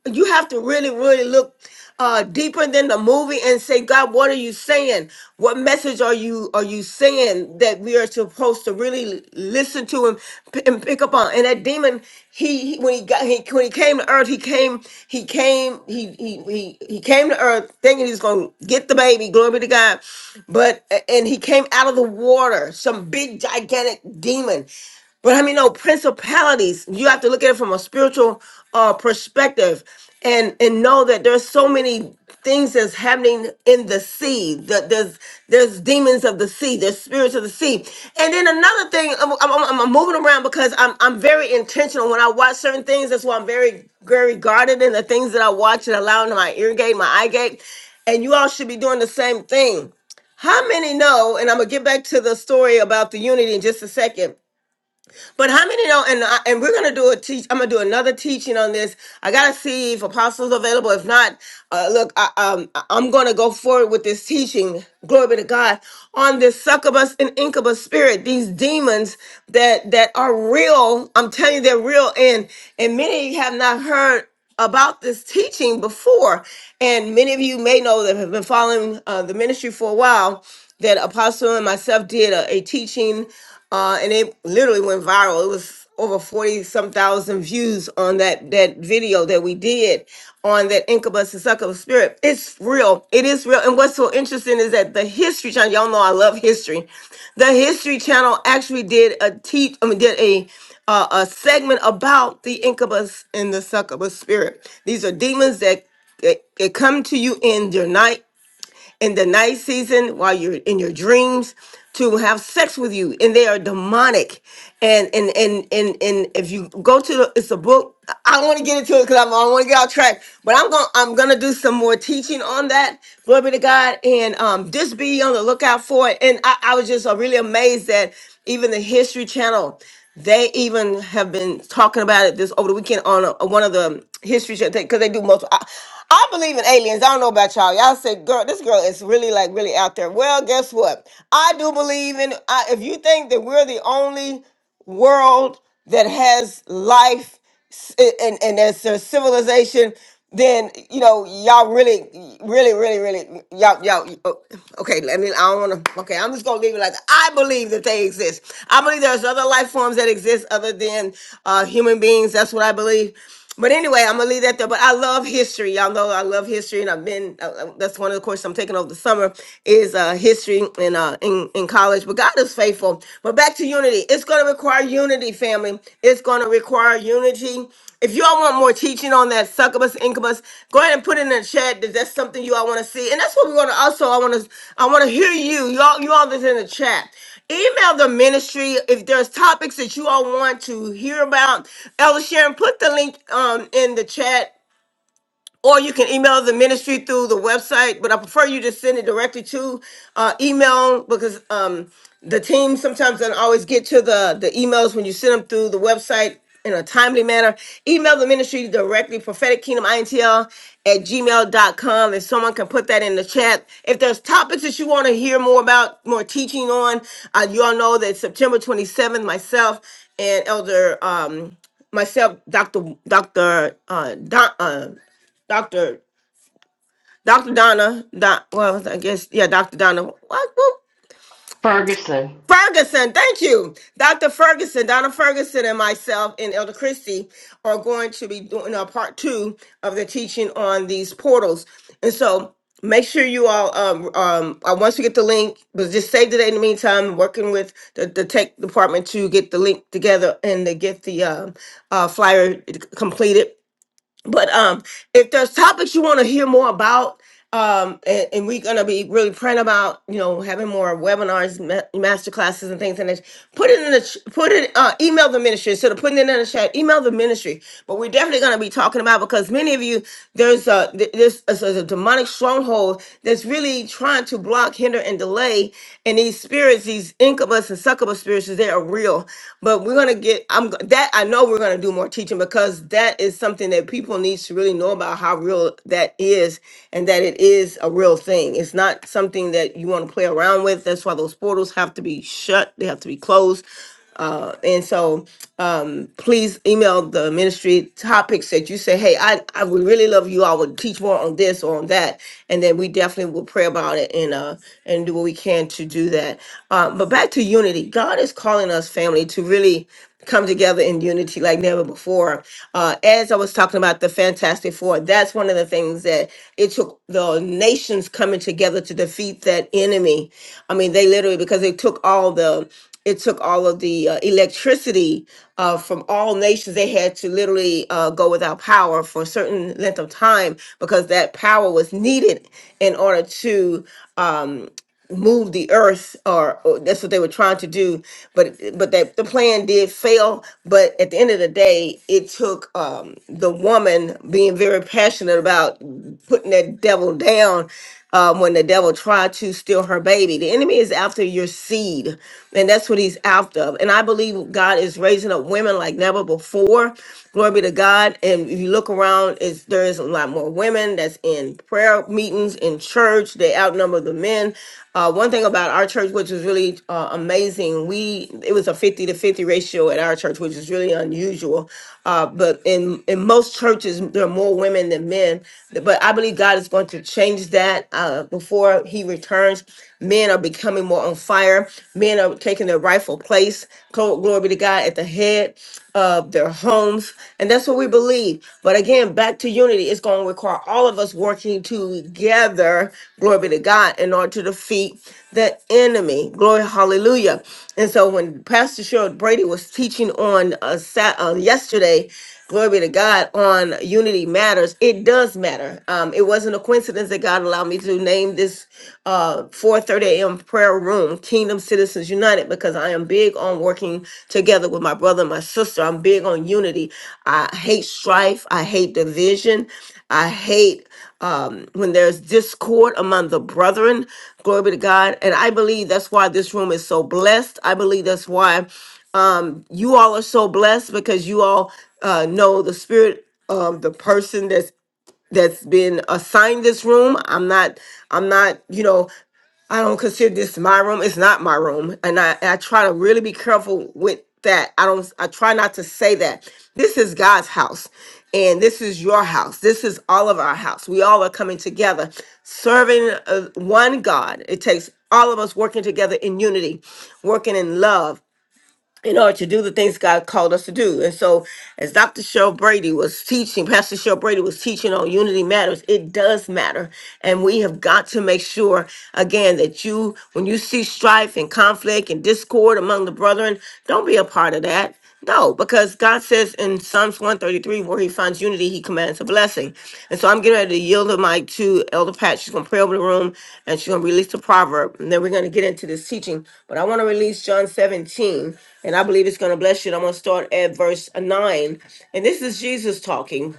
[SPEAKER 1] you have to really really look uh, deeper than the movie and say, God, what are you saying? What message are you are you saying that we are supposed to really listen to and, p- and pick up on? And that demon, he, he- when he got he when he came to earth, he came he came he he he, he came to earth thinking he was gonna get the baby. Glory be to God. But and he came out of the water, some big gigantic demon. But I mean, no principalities. You have to look at it from a spiritual uh, perspective, and and know that there's so many things that's happening in the sea. That there's there's demons of the sea. There's spirits of the sea. And then another thing, I'm, I'm, I'm moving around because I'm I'm very intentional when I watch certain things. That's why I'm very very guarded in the things that I watch and allowing my ear gate, my eye gate. And you all should be doing the same thing. How many know? And I'm gonna get back to the story about the unity in just a second. But how many know? And I, and we're gonna do a teach. I'm gonna do another teaching on this. I gotta see if apostles available. If not, uh, look, I, um, I- I'm gonna go forward with this teaching. Glory be to God on this succubus and incubus spirit. These demons that that are real. I'm telling you, they're real. And and many have not heard about this teaching before, and many of you may know that have been following uh, the ministry for a while. That Apostle and myself did a, a teaching, uh, and it literally went viral. It was over forty some thousand views on that that video that we did on that incubus and succubus spirit. It's real. It is real. And what's so interesting is that the History Channel. Y'all know I love history. The History Channel actually did a teach. I mean, did a uh, a segment about the incubus and the succubus spirit. These are demons that, that, that come to you in your night, in the night season, while you're in your dreams, to have sex with you, and they are demonic. And and and and and if you go to the, it's a book. I I don't want to get into it because I don't want to get off track. But I'm going I'm gonna do some more teaching on that. Glory be to God, and um, just be on the lookout for it. And I, I was just uh, really amazed that even the History Channel. They even have been talking about it this over the weekend on a, one of the history shows because they do multiple. I, I believe in aliens. I don't know about y'all. Y'all say, "Girl, this girl is really like really out there." Well, guess what? I do believe in. I, if you think that we're the only world that has life s- and, and as a civilization, then you know y'all really, really, really, really y'all y'all. oh, Okay, let me. I don't want to. Okay, I'm just gonna leave it like that. I believe that they exist. I believe there's other life forms that exist other than uh, human beings. That's what I believe. But anyway, I'm gonna leave that there. But I love history. Y'all know I love history, and I've been. Uh, uh, that's one of the courses I'm taking over the summer is uh, history in uh, in in college. But God is faithful. But back to unity. It's gonna require unity, family. It's gonna require unity. If you all want more teaching on that succubus incubus, go ahead and put it in the chat that that's something you all want to see, and that's what we want to also. I want to I want to hear you. Y'all you all that's in the chat. Email the ministry if there's topics that you all want to hear about. Elder Sharon, put the link um, in the chat or you can email the ministry through the website but i prefer you just send it directly to uh, email because um, the team sometimes doesn't always get to the the emails when you send them through the website in a timely manner email the ministry directly prophetic kingdom intl at gmail dot com, and someone can put that in the chat if there's topics that you want to hear more about more teaching on uh, you all know that september 27th myself and elder um, myself, Dr. Dr. Uh, Don, Dr. Dr. Donna, Don, well, I guess, yeah, Dr. Donna. What? whoop.
[SPEAKER 12] Ferguson,
[SPEAKER 1] Ferguson, thank you. Dr. Ferguson, Donna Ferguson, and myself and Elder Christie are going to be doing a part two of the teaching on these portals. And so make sure you all, um, um, uh, once you get the link, but just save the date in the meantime, working with the, the tech department to get the link together and to get the um, uh, flyer completed but um, if there's topics you want to hear more about, um, and, and we're gonna be really praying about, you know, having more webinars, ma- master classes, and things. And that, put it in the ch- put it uh, email the ministry instead of putting it in the chat. Email the ministry. But we're definitely gonna be talking about because many of you there's a th- this is a demonic stronghold that's really trying trying to block, hinder, and delay. And these spirits, these incubus and succubus spirits, they are real. But we're gonna get. I'm g- that I know we're gonna do more teaching because that is something that people need to really know about how real that is, and that it is a real thing. It's not something that you want to play around with. That's why those portals have to be shut. They have to be closed. Uh, and so please email the ministry topics that you say, hey, I, I would really love you. I would teach more on this or on that. And then we definitely will pray about it and uh and do what we can to do that. Um, but back to unity. God is calling us family to really come together in unity like never before. Uh, as I was talking about the Fantastic Four, that's one of the things that it took the nations coming together to defeat that enemy. I mean, they literally because they took all the it took all of the uh, electricity uh, from all nations. They had to literally uh, go without power for a certain length of time because that power was needed in order to move the earth or, or that's what they were trying to do but but that the plan did fail but at the end of the day it took um the woman being very passionate about putting that devil down um, when the devil tried to steal her baby the enemy is after your seed and that's what he's after and i believe god is raising up women like never before Glory be to God. And if you look around, it's, there is a lot more women that's in prayer meetings in church. They outnumber the men. Uh, one thing about our church, which was really uh, amazing, we it was a fifty to fifty ratio at our church, which is really unusual. Uh, but in in most churches, there are more women than men. But I believe God is going to change that uh, before He returns. Men are becoming more on fire. Men are taking their rightful place. Glo- Glory be to God at the head of their homes. And that's what we believe. But again, back to unity, it's going to require all of us working together, glory be to God, in order to defeat the enemy. Glory, hallelujah. And so when Pastor Cheryl Brady was teaching on uh, Sat- uh, yesterday, glory to God, on Unity Matters. It does matter. Um, it wasn't a coincidence that God allowed me to name this uh, 4.30 a.m. prayer room, Kingdom Citizens United, because I am big on working together with my brother and my sister. I'm big on unity. I hate strife. I hate division. I hate um, when there's discord among the brethren. Glory be to God. And I believe that's why this room is so blessed. I believe that's why um, you all are so blessed because you all uh, know the spirit of the person that's that's been assigned this room. I'm not. I'm not. You know. I don't consider this my room. It's not my room, and I I try to really be careful with that. I don't. I try not to say that. This is God's house, and this is your house. This is all of our house. We all are coming together, serving uh, one God. It takes all of us working together in unity, working in love in order to do the things God called us to do. And so, as Dr. Cheryl Brady was teaching, Pastor Cheryl Brady was teaching on unity matters, it does matter. And we have got to make sure, again, that you, when you see strife and conflict and discord among the brethren, don't be a part of that. No, because God says in Psalms 133, where he finds unity, he commands a blessing. And so I'm getting ready to yield the mic to Elder Pat. She's going to pray over the room and she's going to release the proverb. And then we're going to get into this teaching. But I want to release John 17, and I believe it's going to bless you. And I'm going to start at verse 9. And this is Jesus talking.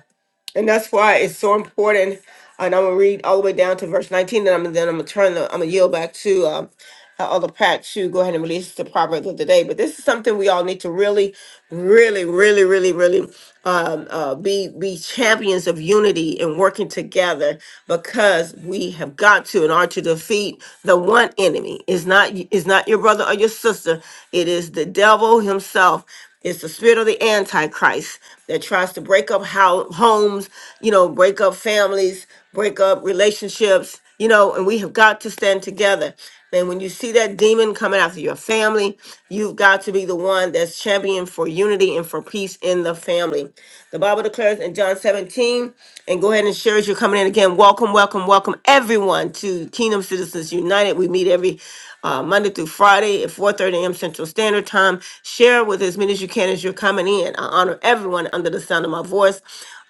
[SPEAKER 1] And that's why it's so important. And I'm gonna read all the way down to verse 19, and I'm then I'm gonna turn the I'm gonna yield back to um other Pat to go ahead and release the proverb of the day. But this is something we all need to really, really, really, really, really um, uh, be be champions of unity and working together because we have got to in order to defeat the one enemy. It's not it's not your brother or your sister. It is the devil himself it's the spirit of the Antichrist that tries to break up how homes, you know, break up families, break up relationships, you know, and we have got to stand together. And when you see that demon coming after your family, you've got to be the one that's champion for unity and for peace in the family. The Bible declares in John 17, and go ahead and share as you're coming in again. Welcome, welcome, welcome everyone to Kingdom Citizens United. We meet every uh, Monday through Friday at 4:30 a.m. Central Standard Time. Share with as many as you can as you're coming in. I honor everyone under the sound of my voice.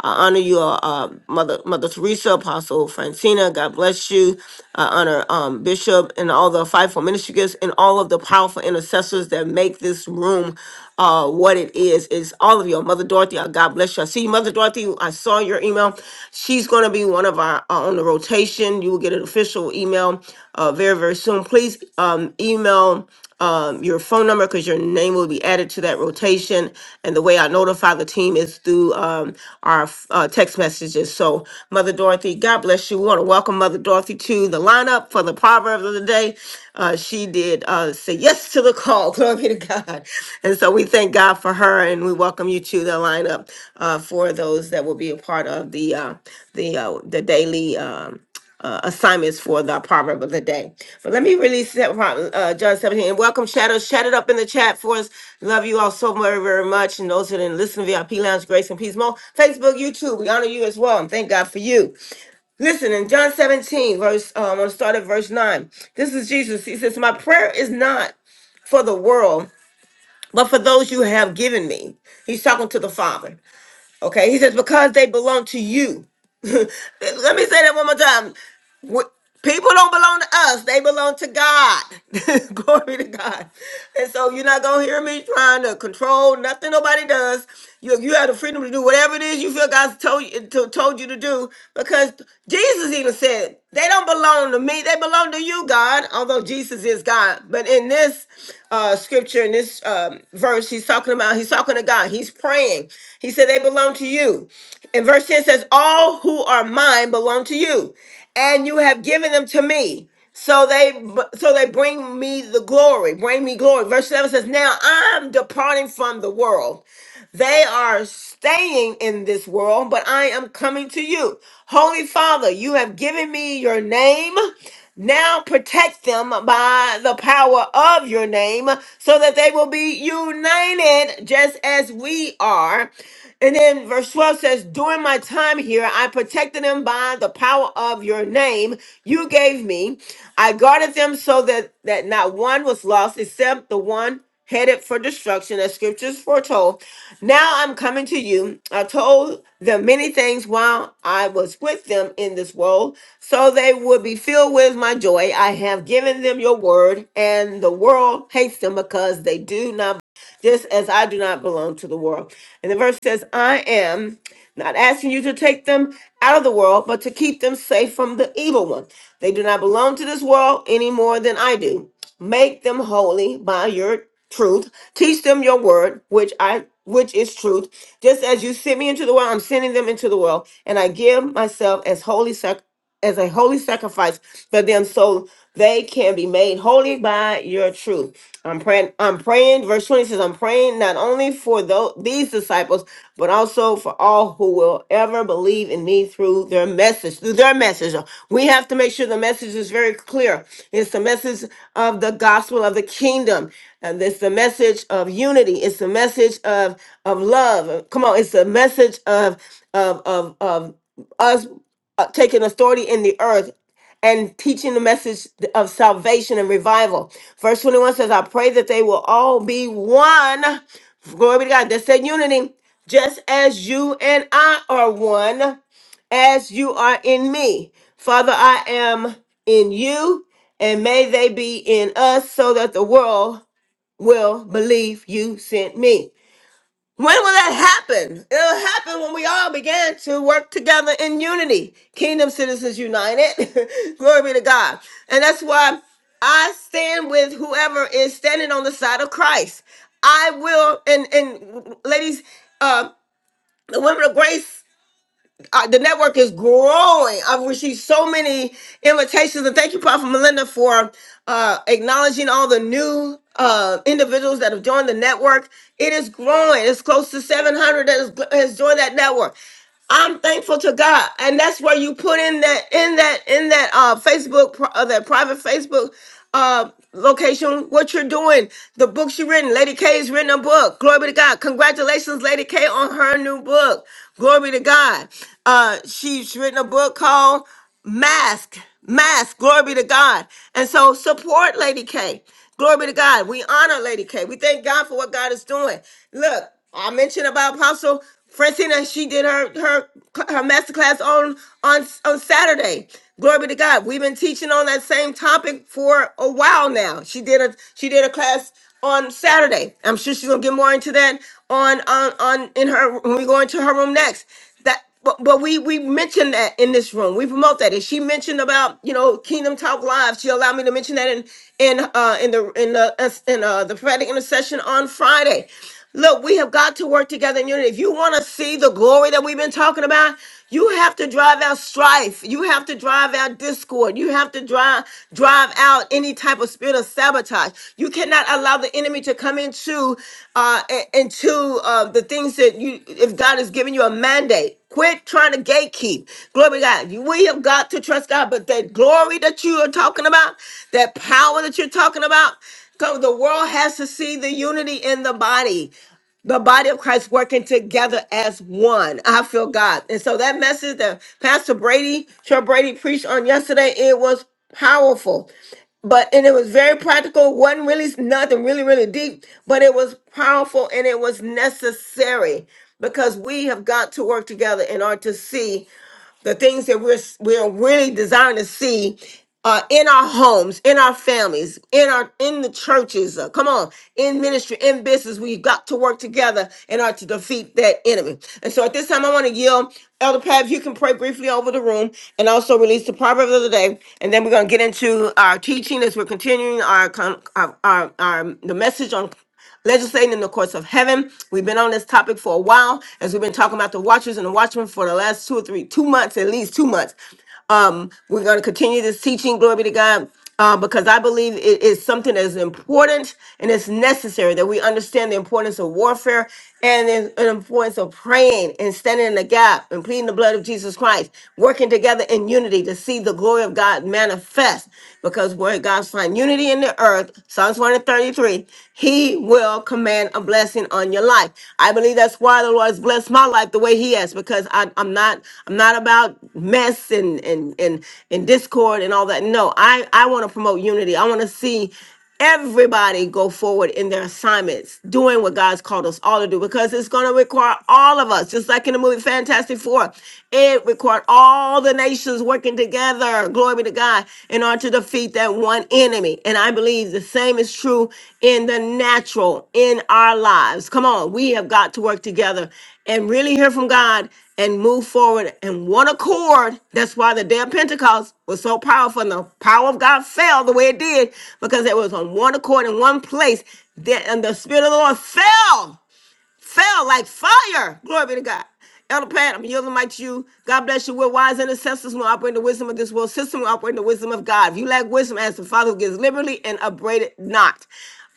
[SPEAKER 1] I honor you, uh, uh, Mother Mother Teresa, Apostle Francina. God bless you. I honor um, Bishop and all the fivefold ministry gifts and all of the powerful intercessors that make this room uh, what it is. is all of you. Mother Dorothy, uh, God bless you. I see you, Mother Dorothy. I saw your email. She's going to be one of our uh, on the rotation. You will get an official email uh, very, very soon. Please um, email um, your phone number because your name will be added to that rotation. And the way I notify the team is through um, our uh, text messages. So, Mother Dorothy, God bless you. We want to welcome Mother Dorothy to the lineup for the proverb of the day. Uh, she did uh, say yes to the call. Glory be to God. And so we thank God for her, and we welcome you to the lineup uh, for those that will be a part of the uh, the uh, the daily. Um, uh, assignments for the proverb of the day. But let me release that from, uh, John 17 and welcome shadows. Shout it up in the chat for us. Love you all so very, very much. And those who didn't listen, VIP Lounge, Grace and Peace Mo, Facebook, YouTube, we honor you as well. And thank God for you. Listen, in John 17, verse, uh, I'm going to start at verse 9. This is Jesus. He says, My prayer is not for the world, but for those you have given me. He's talking to the Father. Okay. He says, Because they belong to you. Let me say that one more time. We- people don't belong to us, they belong to God. Glory to God. And so you're not going to hear me trying to control nothing nobody does. You, you have the freedom to do whatever it is you feel God's told you, to, told you to do because Jesus even said, they don't belong to me, they belong to you, God, although Jesus is God. But in this uh, scripture, in this um, verse, he's talking about, he's talking to God, he's praying. He said, they belong to you. And verse 10 says, all who are mine belong to you and you have given them to me. So they so they bring me the glory, bring me glory. Verse 7 says, Now I'm departing from the world. They are staying in this world, but I am coming to you. Holy Father, you have given me your name now protect them by the power of your name so that they will be united just as we are. And then verse 12 says, During my time here, I protected them by the power of your name you gave me. I guarded them so that, that not one was lost except the one headed for destruction, as scriptures foretold. Now I'm coming to you. I told them many things while I was with them in this world, so they would be filled with my joy. I have given them your word, and the world hates them because they do not just as I do not belong to the world. And the verse says, I am not asking you to take them out of the world, but to keep them safe from the evil one. They do not belong to this world any more than I do. Make them holy by your truth. Teach them your word, which I which is truth. Just as you sent me into the world, I'm sending them into the world, and I give myself as holy sacrifice as a holy sacrifice for them so they can be made holy by your truth. I'm praying, I'm praying, verse 20 says, I'm praying not only for those, these disciples, but also for all who will ever believe in me through their message, through their message. We have to make sure the message is very clear. It's the message of the gospel of the kingdom. And it's the message of unity. It's the message of, of love. Come on, it's the message of of of of us uh, taking authority in the earth and teaching the message of salvation and revival. Verse 21 says, I pray that they will all be one. Glory be to God. That's that unity. Just as you and I are one, as you are in me. Father, I am in you, and may they be in us so that the world will believe you sent me. When will that happen? It'll happen when we all begin to work together in unity. Kingdom Citizens United. Glory be to God. And that's why I stand with whoever is standing on the side of Christ. I will, and, and ladies, uh, the women of grace uh, the network is growing. I've received so many invitations, and thank you, Prophet Melinda, for uh, acknowledging all the new uh, individuals that have joined the network. It is growing. It's close to 700 that has, has joined that network. I'm thankful to God, and that's where you put in that in that in that uh Facebook pro- uh, that private Facebook uh location what you're doing the books you written lady k's written a book glory be to god congratulations lady k on her new book glory be to god uh she's written a book called mask, mask, glory be to God. And so support Lady K. Glory be to God. We honor Lady K. We thank God for what God is doing. Look, I mentioned about Apostle Francina. She did her her her masterclass on on on Saturday. Glory be to God. We've been teaching on that same topic for a while now. She did a she did a class on Saturday. I'm sure she's gonna get more into that on on on in her when we go into her room next but but, but we we mentioned that in this room. We promote that. And she mentioned about you know Kingdom Talk Live. She allowed me to mention that in in uh in the in the in uh the prophetic intercession on Friday. Look, we have got to work together in unity. If you want to see the glory that we've been talking about, you have to drive out strife. You have to drive out discord. You have to drive drive out any type of spirit of sabotage. You cannot allow the enemy to come into uh i- into uh the things that you if God has given you a mandate. Quit trying to gatekeep. Glory to God. You- We have got to trust God, but that glory that you are talking about, that power that you're talking about, Come, the world has to see the unity in the body the body of Christ working together as one. I feel God. And so that message that Pastor Brady, Sher Brady preached on yesterday, it was powerful. But and it was very practical. Wasn't really nothing really, really deep, but it was powerful and it was necessary because we have got to work together in order to see the things that we're we're really desiring to see uh, in our homes, in our families, in our in the churches. Uh, come on, in ministry, in business, we've got to work together in order to defeat that enemy. And so, at this time, I want to yield, Elder Pat, if you can pray briefly over the room, and also release the proverb of the day, and then we're going to get into our teaching as we're continuing our con- our, our, our the message on legislating in the courts of heaven. We've been on this topic for a while as we've been talking about the watchers and the watchmen for the last two or three, two months, at least two months. Um, we're going to continue this teaching, glory be to God, uh, because I believe it is something that is important and it's necessary that we understand the importance of warfare and the the importance of praying and standing in the gap and pleading the blood of Jesus Christ, working together in unity to see the glory of God manifest. Because where God finds unity in the earth, Psalms 133, he will command abundance a blessing on your life. I believe that's why the Lord has blessed my life the way He has, because I, I'm not I'm not about mess and and and and discord and all that. No, I I want to promote unity. I want to see everybody go forward in their assignments, doing what God's called us all to do, because it's going to require all of us, just like in the movie Fantastic Four. It required all the nations working together together, glory be to God, in order to defeat that one enemy. And I believe the same is true in the natural, in our lives. Come on, we have got to work together and really hear from God and move forward in one accord. That's why the day of Pentecost was so powerful and the power of God fell the way it did because it was on one accord in one place. That- And the Spirit of the Lord fell fell like fire. Glory be to God. Elder Pat, I'm yielding my to you. God bless you. We're wise intercessors. We operate in the wisdom of this world system. We operate in the wisdom of God. If you lack wisdom, ask the Father who gives liberally and upbraided not.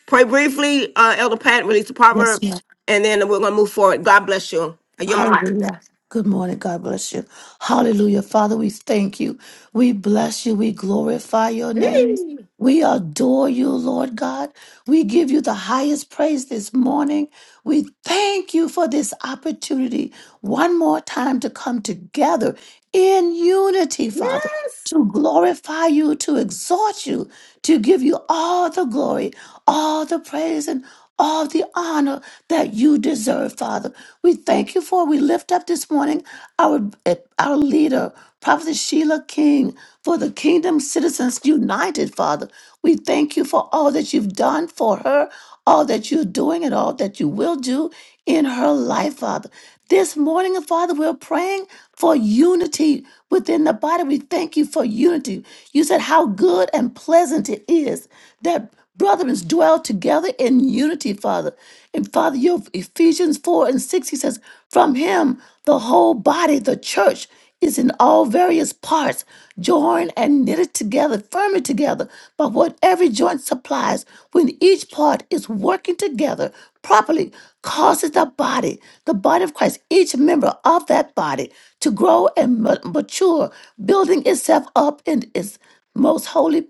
[SPEAKER 1] Pray briefly, uh, Elder Pat, release the proverb,
[SPEAKER 11] Yes,
[SPEAKER 1] and then we're going to move forward. God bless you. I yield my mic.
[SPEAKER 11] Hallelujah. Good morning. God bless you. Hallelujah. Father, we thank you. We bless you. We glorify your name. We adore you, Lord God. We give you the highest praise this morning. We thank you for this opportunity one more time to come together in unity, Father, to glorify you, to exhort you, to give you all the glory, all the praise, and all the honor that you deserve, Father. We thank you for. We lift up this morning our eh, our leader, Prophet Sheila King, for the Kingdom Citizens United, Father. We thank you for all that you've done for her, all that you're doing, and all that you will do in her life, Father. This morning, Father, we're praying for unity within the body. We thank you for unity. You said how good and pleasant it is that brethren dwell together in unity, Father. And Father, your Ephesians 4 and 6, he says, From him, the whole body, the church, is in all various parts, joined and knitted together, firmly together, by what every joint supplies, when each part is working together properly causes the body, the body of Christ, each member of that body to grow and ma- mature, building itself up in its most holy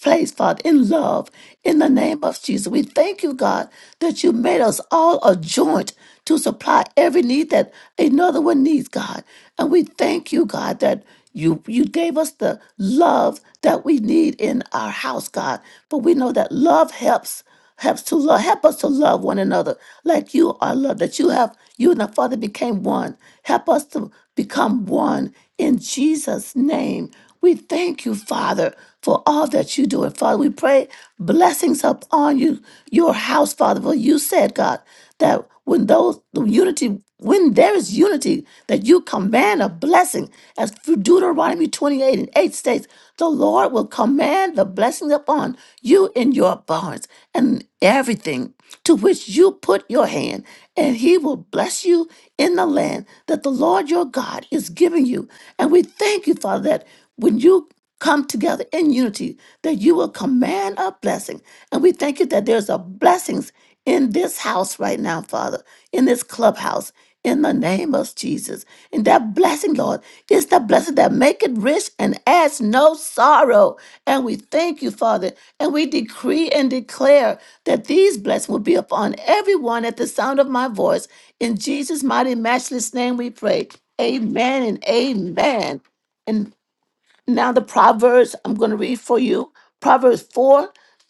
[SPEAKER 11] place, Father, in love, in the name of Jesus. We thank you, God, that you made us all a joint to supply every need that another one needs, God. And we thank you, God, that you you gave us the love that we need in our house, God. But we know that love helps. Help us to love, help us to love one another like you are loved, that you have you and the Father became one. Help us to become one in Jesus' name. We thank you, Father, for all that you do. And Father, we pray blessings upon you, your house, Father. For you said, God, that when those the unity when there is unity, that you command a blessing, as Deuteronomy 28 and 8 states, the Lord will command the blessing upon you in your barns and everything to which you put your hand, and he will bless you in the land that the Lord your God is giving you. And we thank you, Father, that when you come together in unity, that you will command a blessing. And we thank you that there's a blessings in this house right now, Father, in this clubhouse, in the name of Jesus. And that blessing, Lord, is the blessing that make it rich and adds no sorrow. And we thank you, Father, and we decree and declare that these blessings will be upon everyone at the sound of my voice. In Jesus' mighty, matchless name we pray. Amen and amen. And now the Proverbs I'm going to read for you. Proverbs 4,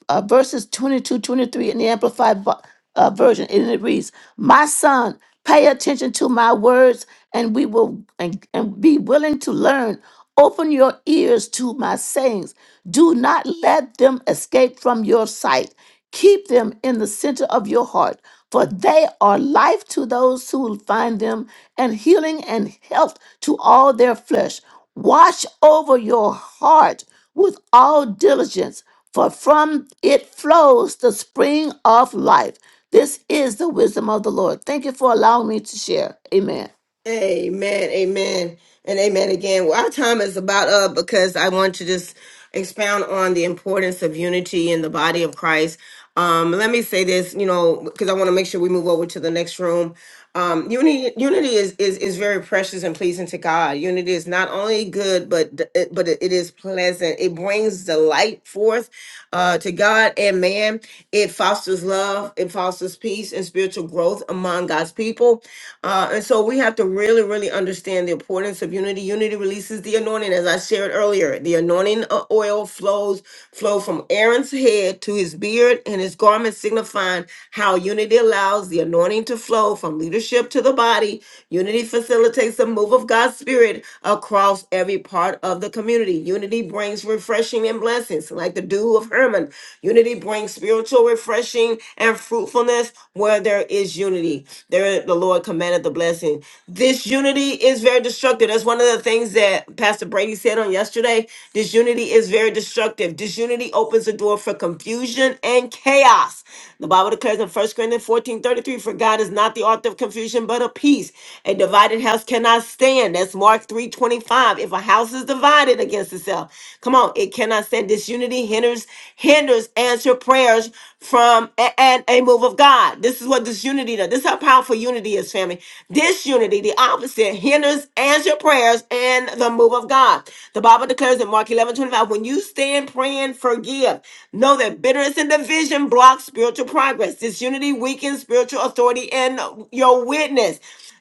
[SPEAKER 11] uh, verses 22, 23 in the Amplified vo- uh, Version, and it reads, My son, pay attention to my words, and we will and, and be willing to learn. Open your ears to my sayings. Do not let them escape from your sight. Keep them in the center of your heart, for they are life to those who find them, and healing and health to all their flesh. Watch over your heart with all diligence for from it flows the spring of life. This is the wisdom of the Lord. Thank you for allowing me to share. Amen.
[SPEAKER 1] Amen, amen, and amen again. Well, our time is about up because I want to just expound on the importance of unity in the body of Christ. Um, let me say this, you know, because I want to make sure we move over to the next room. Um, unity, unity is, is is very precious and pleasing to God. Unity is not only good, but d- it- but it it is pleasant. It brings delight forth uh, to God and man. It fosters love. It fosters peace and spiritual growth among God's people. Uh, and so we have to really, really understand the importance of unity. Unity releases the anointing, as I shared earlier. The anointing o- oil flows flow from Aaron's head to his beard and his garment, signifying how unity allows the anointing to flow from leadership to the body. Unity facilitates the move of God's spirit across every part of the community. Unity brings refreshing and blessings, like the dew of Hermon. Unity brings spiritual refreshing and fruitfulness where there is unity. There the Lord commanded the blessing. This unity is very destructive. That's one of the things that Pastor Brady said on yesterday. This unity is very destructive. Disunity opens the door for confusion and chaos. The Bible declares in First Corinthians fourteen thirty three, for God is not the author of confusion, but of peace. A divided house cannot stand. That's Mark three twenty five. If a house is divided against itself, come on, it cannot stand. Disunity hinders, hinders answer prayers from a- and a move of God. This is what this unity does. This is how powerful unity is, family. This unity, the opposite, hinders answered prayers and the move of God. The Bible declares in Mark eleven twenty five, when you stand praying, forgive. Know that bitterness and division block spiritual progress. Disunity weakens spiritual authority and your witness.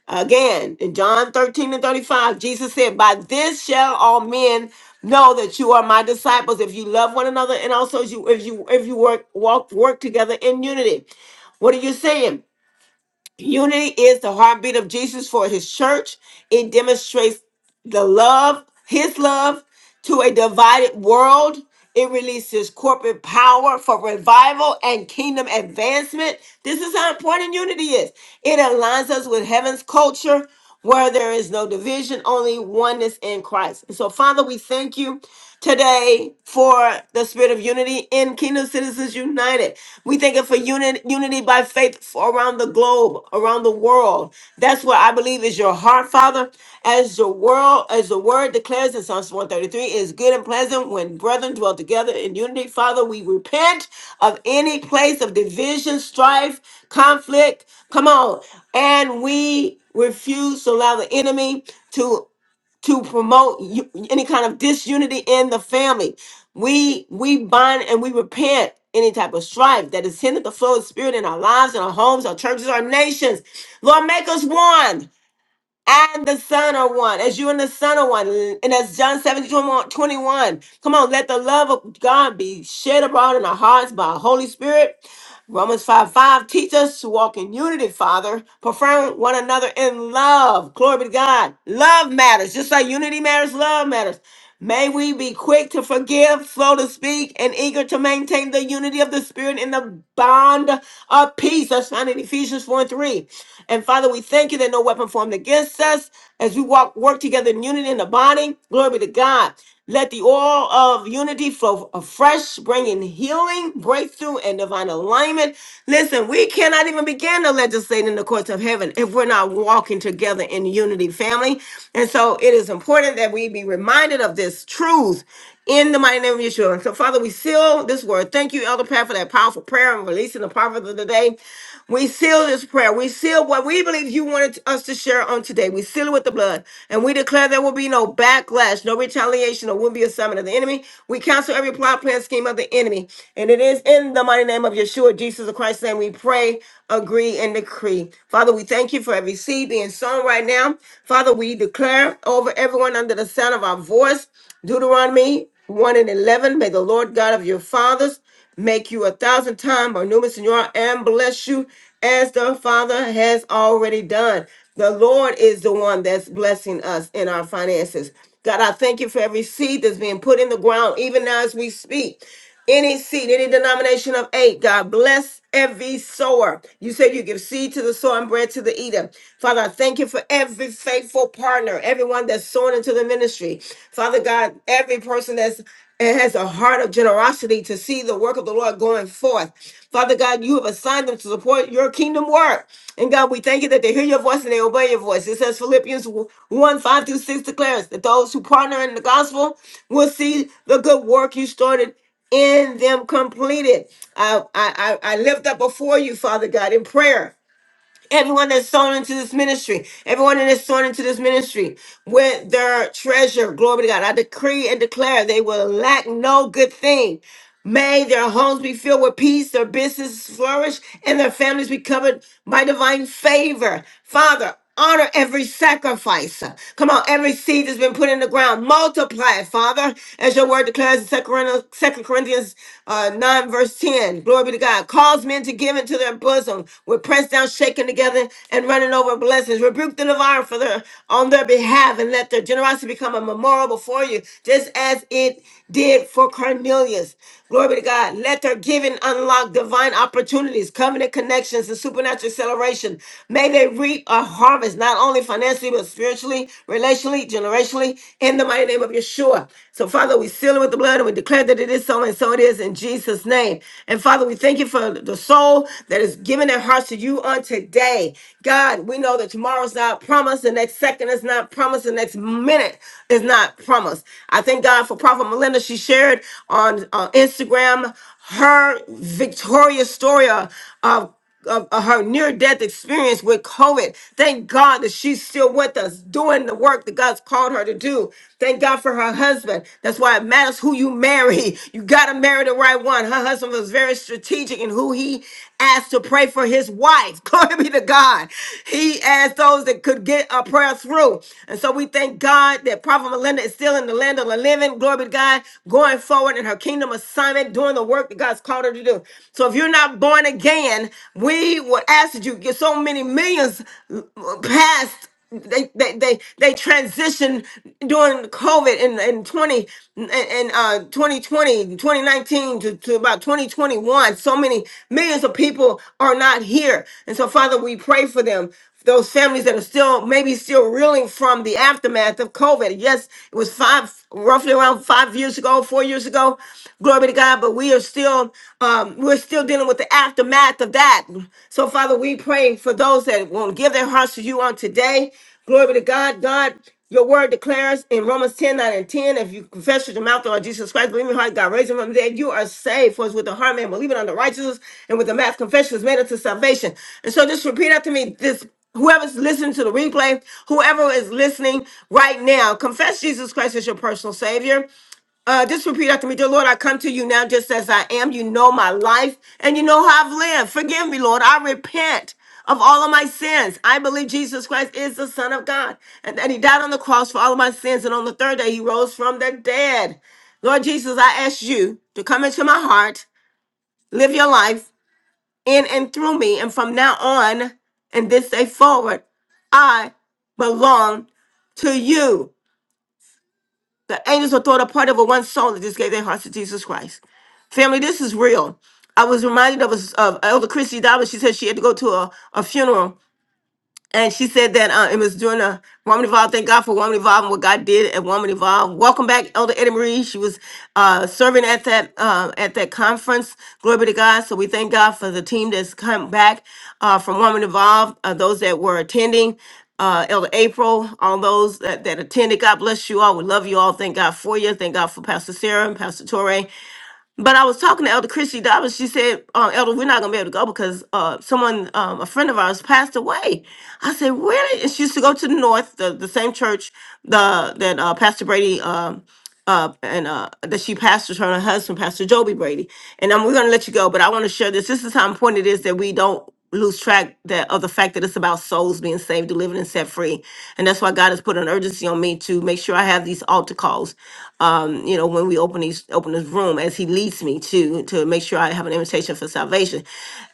[SPEAKER 1] Again, in John 13 and 35, Jesus said, By this shall all men know that you are my disciples if you love one another and also if you if you if you work walk work together in unity. What are you saying? Unity is the heartbeat of Jesus for his church. It demonstrates the love, his love, to a divided world. It releases corporate power for revival and kingdom advancement. This is how important unity is. It aligns us with heaven's culture where there is no division, only oneness in Christ. And so, Father, we thank you today for the spirit of unity in Kingdom Citizens United. We thank it for unit, unity by faith for around the globe, around the world. That's what I believe is your heart, Father. As the world, as the word declares in Psalms 133, it is good and pleasant when brethren dwell together in unity. Father, we repent of any place of division, strife, conflict. Come on. And we refuse to allow the enemy to to promote u- any kind of disunity in the family. We we bind and we repent any type of strife that has hindered the flow of the spirit in our lives, in our homes, our churches, our nations. Lord, make us one. And the Son are one, as you and the Son are one. And as John seventeen twenty one, come on, let the love of God be shed abroad in our hearts by the Holy Spirit Romans 5 5 teach us to walk in unity, Father, preferring one another in love. Glory be to God. Love matters. Just like unity matters, love matters. May we be quick to forgive, slow to speak, and eager to maintain the unity of the Spirit in the bond of peace. That's found in Ephesians 4 and 3. And Father, we thank you that no weapon formed against us as we walk, work together in unity in the body. Glory be to God. Let the oil of unity flow afresh, bringing healing, breakthrough, and divine alignment. Listen, we cannot even begin to legislate in the courts of heaven if we're not walking together in unity, family. And so it is important that we be reminded of this truth in the mighty name of Yeshua. So, Father, we seal this word. Thank you, Elder Pat, for that powerful prayer and releasing the prophet of the day. We seal this prayer. We seal what we believe you wanted us to share on today. We seal it with the blood. And we declare there will be no backlash, no retaliation, or will be a summon of the enemy. We cancel every plot, plan, scheme of the enemy. And it is in the mighty name of Yeshua, Jesus of Christ's name, we pray, agree, and decree. Father, we thank you for every seed being sown right now. Father, we declare over everyone under the sound of our voice, Deuteronomy 1 and 11, may the Lord God of your fathers make you a thousand times more numerous than you are, and bless you as the Father has already done. The Lord is the one that's blessing us in our finances. God, I thank you for every seed that's being put in the ground, even now as we speak. Any seed, any denomination of eight, God bless every sower. You said you give seed to the sower and bread to the eater. Father, I thank you for every faithful partner, everyone that's sown into the ministry. Father God, every person that's and has a heart of generosity to see the work of the Lord going forth. Father God, you have assigned them to support your kingdom work. And God, we thank you that they hear your voice and they obey your voice. It says Philippians 1 5 through 6 declares that those who partner in the gospel will see the good work you started in them completed. I, I, I I lift up before you, Father God, in prayer Everyone that's sown into this ministry, everyone that is sown into this ministry with their treasure, glory to God. I decree and declare they will lack no good thing. May their homes be filled with peace, their businesses flourish, and their families be covered by divine favor. Father, honor every sacrifice. Come on, every seed that's been put in the ground. Multiply it, Father, as your word declares in 2 Corinthians Second Corinthians uh, 9, verse 10. Glory be to God. Cause men to give into their bosom. We're pressed down, shaken together, and running over blessings. Rebuke the devourer for their, on their behalf, and let their generosity become a memorial before you, just as it did for Cornelius. Glory be to God. Let their giving unlock divine opportunities, covenant connections, and supernatural acceleration. May they reap a harvest, not only financially, but spiritually, relationally, generationally, in the mighty name of Yeshua. So, Father, we seal it with the blood and we declare that it is so, and so it is in Jesus' name. And, Father, we thank you for the soul that is giving their hearts to you on today. God, we know that tomorrow's not promised, the next second is not promised, the next minute is not promised. I thank God for Prophet Melinda. She shared on on uh, Instagram her victorious story of, of of of her near death experience with COVID. Thank God that she's still with us doing the work that God's called her to do. Thank God for her husband. That's why it matters who you marry. You got to marry the right one. Her husband was very strategic in who he asked to pray for his wife. Glory be to God. He asked those that could get a prayer through. And so we thank God that Prophet Melinda is still in the land of the living. Glory be to God. Going forward forward in her kingdom assignment, doing the work that God's called her to do. So if you're not born again, we would ask that you get so many millions uh, past they they they they transitioned during COVID in, in 20 and uh 2020 to, to about 2021 so many millions of people are not here and so father we pray for them those families that are still maybe still reeling from the aftermath of COVID. Yes, it was five, roughly around five years ago, four years ago. Glory to God, but we are still um, we're still dealing with the aftermath of that. So, Father, we pray for those that won't give their hearts to you on today. Glory to God, God. Your word declares in Romans ten nine and 10, if you confess with your mouth the Lord Jesus Christ, believe in your heart, God raised him from the dead, you are saved. For it's with the heart man, believing on the righteousness, and with the mouth confession is made unto salvation. And so just repeat after me this whoever's listening to the replay, whoever is listening right now, confess Jesus Christ as your personal Savior. Uh, just repeat after me, dear Lord, I come to you now just as I am. You know my life and you know how I've lived. Forgive me, Lord. I repent. Of all of my sins. I believe Jesus Christ is the Son of God and that He died on the cross for all of my sins. And on the third day, He rose from the dead. Lord Jesus, I ask you to come into my heart, live your life, in and through me. And from now on, and this day forward, I belong to you. The angels were thought a part of a one soul that just gave their hearts to Jesus Christ. Family, this is real. I was reminded of, a, of Elder Christy Dobbins. She said she had to go to a, a funeral and she said that uh, it was during a woman evolved. Thank God for woman evolved and what God did at woman evolved. Welcome back, Elder Eddie Marie. She was uh, serving at that uh, at that conference. Glory be to God. So we thank God for the team that's come back uh, from woman evolved. Uh, those that were attending. Uh, Elder April, all those that, that attended, God bless you all. We love you all. Thank God for you. Thank God for Pastor Sarah and Pastor Torre. But I was talking to Elder Christy Dobbins. She said, uh, Elder, we're not going to be able to go because uh, someone, um, a friend of ours, passed away. I said, really? And she used to go to the North, the, the same church the, that uh, Pastor Brady. Um, uh, and uh, that she pastors her and her husband, Pastor Joby Brady. And um, we're going to let you go, but I want to share this. This is how important it is that we don't lose track that of the fact that it's about souls being saved, delivered, and set free. And that's why God has put an urgency on me to make sure I have these altar calls. Um, you know, when we open these open this room, as He leads me to to make sure I have an invitation for salvation.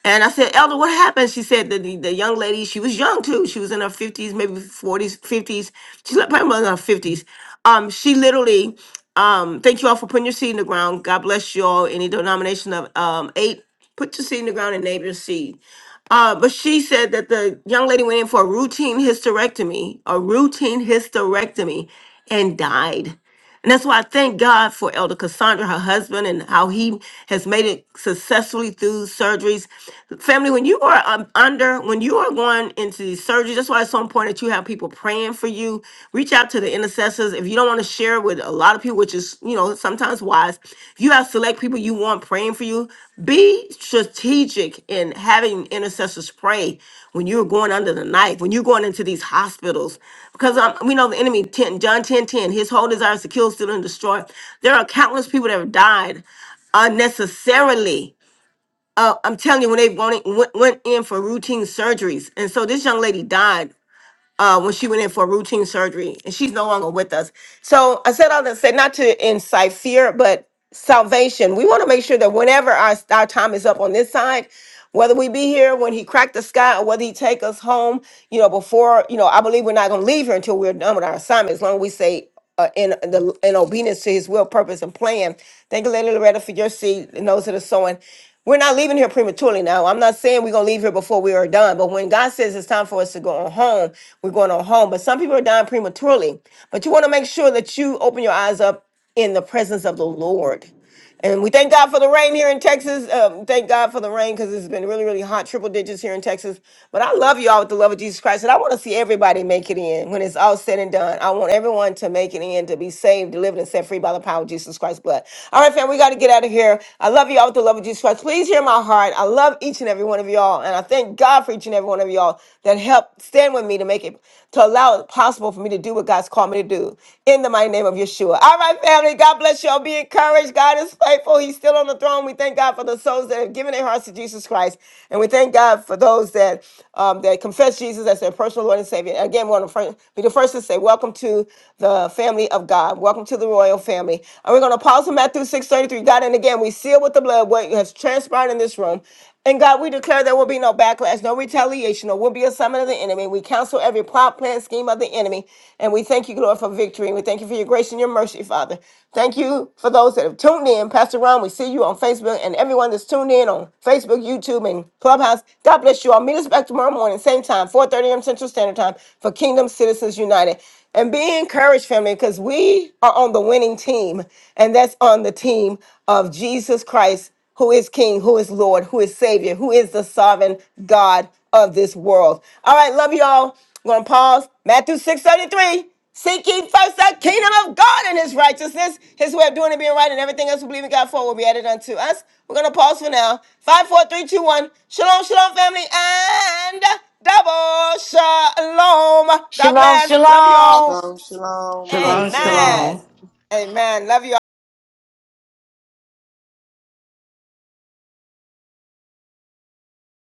[SPEAKER 1] And I said, Elder, what happened? She said that the, the young lady, she was young too. She was in her fifties, maybe forties, fifties. She's like probably in her fifties um, she literally, um, thank you all for putting your seed in the ground. God bless you all. Any denomination of um eight, put your seed in the ground and name your seed. Uh, but she said that the young lady went in for a routine hysterectomy, a routine hysterectomy, and died. And that's why I thank God for Elder Cassandra, her husband, and how he has made it successfully through surgeries. Family, when you are um, under, when you are going into these surgeries, that's why it's so important that you have people praying for you. Reach out to the intercessors. If you don't want to share with a lot of people, which is, you know, sometimes wise, if you have select people you want praying for you, be strategic in having intercessors pray when you're going under the knife, when you're going into these hospitals, because um, we know the enemy, 10, John 10:10, his whole desire is to kill, steal, and destroy. There are countless people that have died unnecessarily. Uh, I'm telling you, when they went, went, went in for routine surgeries. And so this young lady died uh, when she went in for routine surgery, and she's no longer with us. So I said all that said not to incite fear, but salvation. We want to make sure that whenever our our time is up on this side, whether we be here when He cracked the sky or whether He take us home, you know, before you know, I believe we're not going to leave here until we're done with our assignment. As long as we say uh, in the in obedience to his will, purpose, and plan. Thank you, Lady Loretta, for your seed and those that are sowing. We're not leaving here prematurely now. I'm not saying we're gonna leave here before we are done, but when God says it's time for us to go on home, we're going on home. But some people are dying prematurely. But you want to make sure that you open your eyes up in the presence of the Lord. And we thank God for the rain here in Texas. Um, thank God for the rain because it's been really, really hot, triple digits here in Texas. But I love y'all with the love of Jesus Christ. And I want to see everybody make it in when it's all said and done. I want everyone to make it in to be saved, delivered, and set free by the power of Jesus Christ's blood. All right, fam, we got to get out of here. I love y'all with the love of Jesus Christ. Please hear my heart. I love each and every one of y'all. And I thank God for each and every one of y'all that helped stand with me to make it, to allow it possible for me to do what God God's called me to do in the mighty name of Yeshua. All right, family. God bless y'all. Be encouraged. God is faithful. He's still on the throne. We thank God for the souls that have given their hearts to Jesus Christ. And we thank God for those that um, that confess Jesus as their personal Lord and Savior. Again, we want to fir- be the first to say, Welcome to the family of God. Welcome to the royal family. And we're going to pause on Matthew 6:33. God, and again, we seal with the blood what has transpired in this room. And God, we declare there will be no backlash, no retaliation, or will be a summon of the enemy. We counsel every plot, plan, scheme of the enemy. And we thank you, Lord, for victory. And We thank you for your grace and your mercy, Father. Thank you for those that have tuned in. Pastor Ron, we see you on Facebook and everyone that's tuned in on Facebook, YouTube, and Clubhouse. God bless you all. Meet us back tomorrow morning, same time, 4.30 a.m. Central Standard Time for Kingdom Citizens United. And be encouraged, family, because we are on the winning team. And that's on the team of Jesus Christ who is King, who is Lord, who is Savior, who is the sovereign God of this world. All right, love y'all. I'm gonna pause. Matthew 6:33. Seek ye first the kingdom of God and his righteousness, his way of doing it, being right, and everything else we believe in God for will be added unto us. We're gonna pause for now. Five, four, three, two, one. Shalom, shalom, family, and double shalom. God
[SPEAKER 13] Shalom,
[SPEAKER 1] bless. Love y'all.
[SPEAKER 13] shalom.
[SPEAKER 2] Shalom, shalom,
[SPEAKER 12] Shalom
[SPEAKER 10] awesome.
[SPEAKER 2] blessings.
[SPEAKER 1] Amen.
[SPEAKER 12] Shalom
[SPEAKER 1] Amen. Love y'all.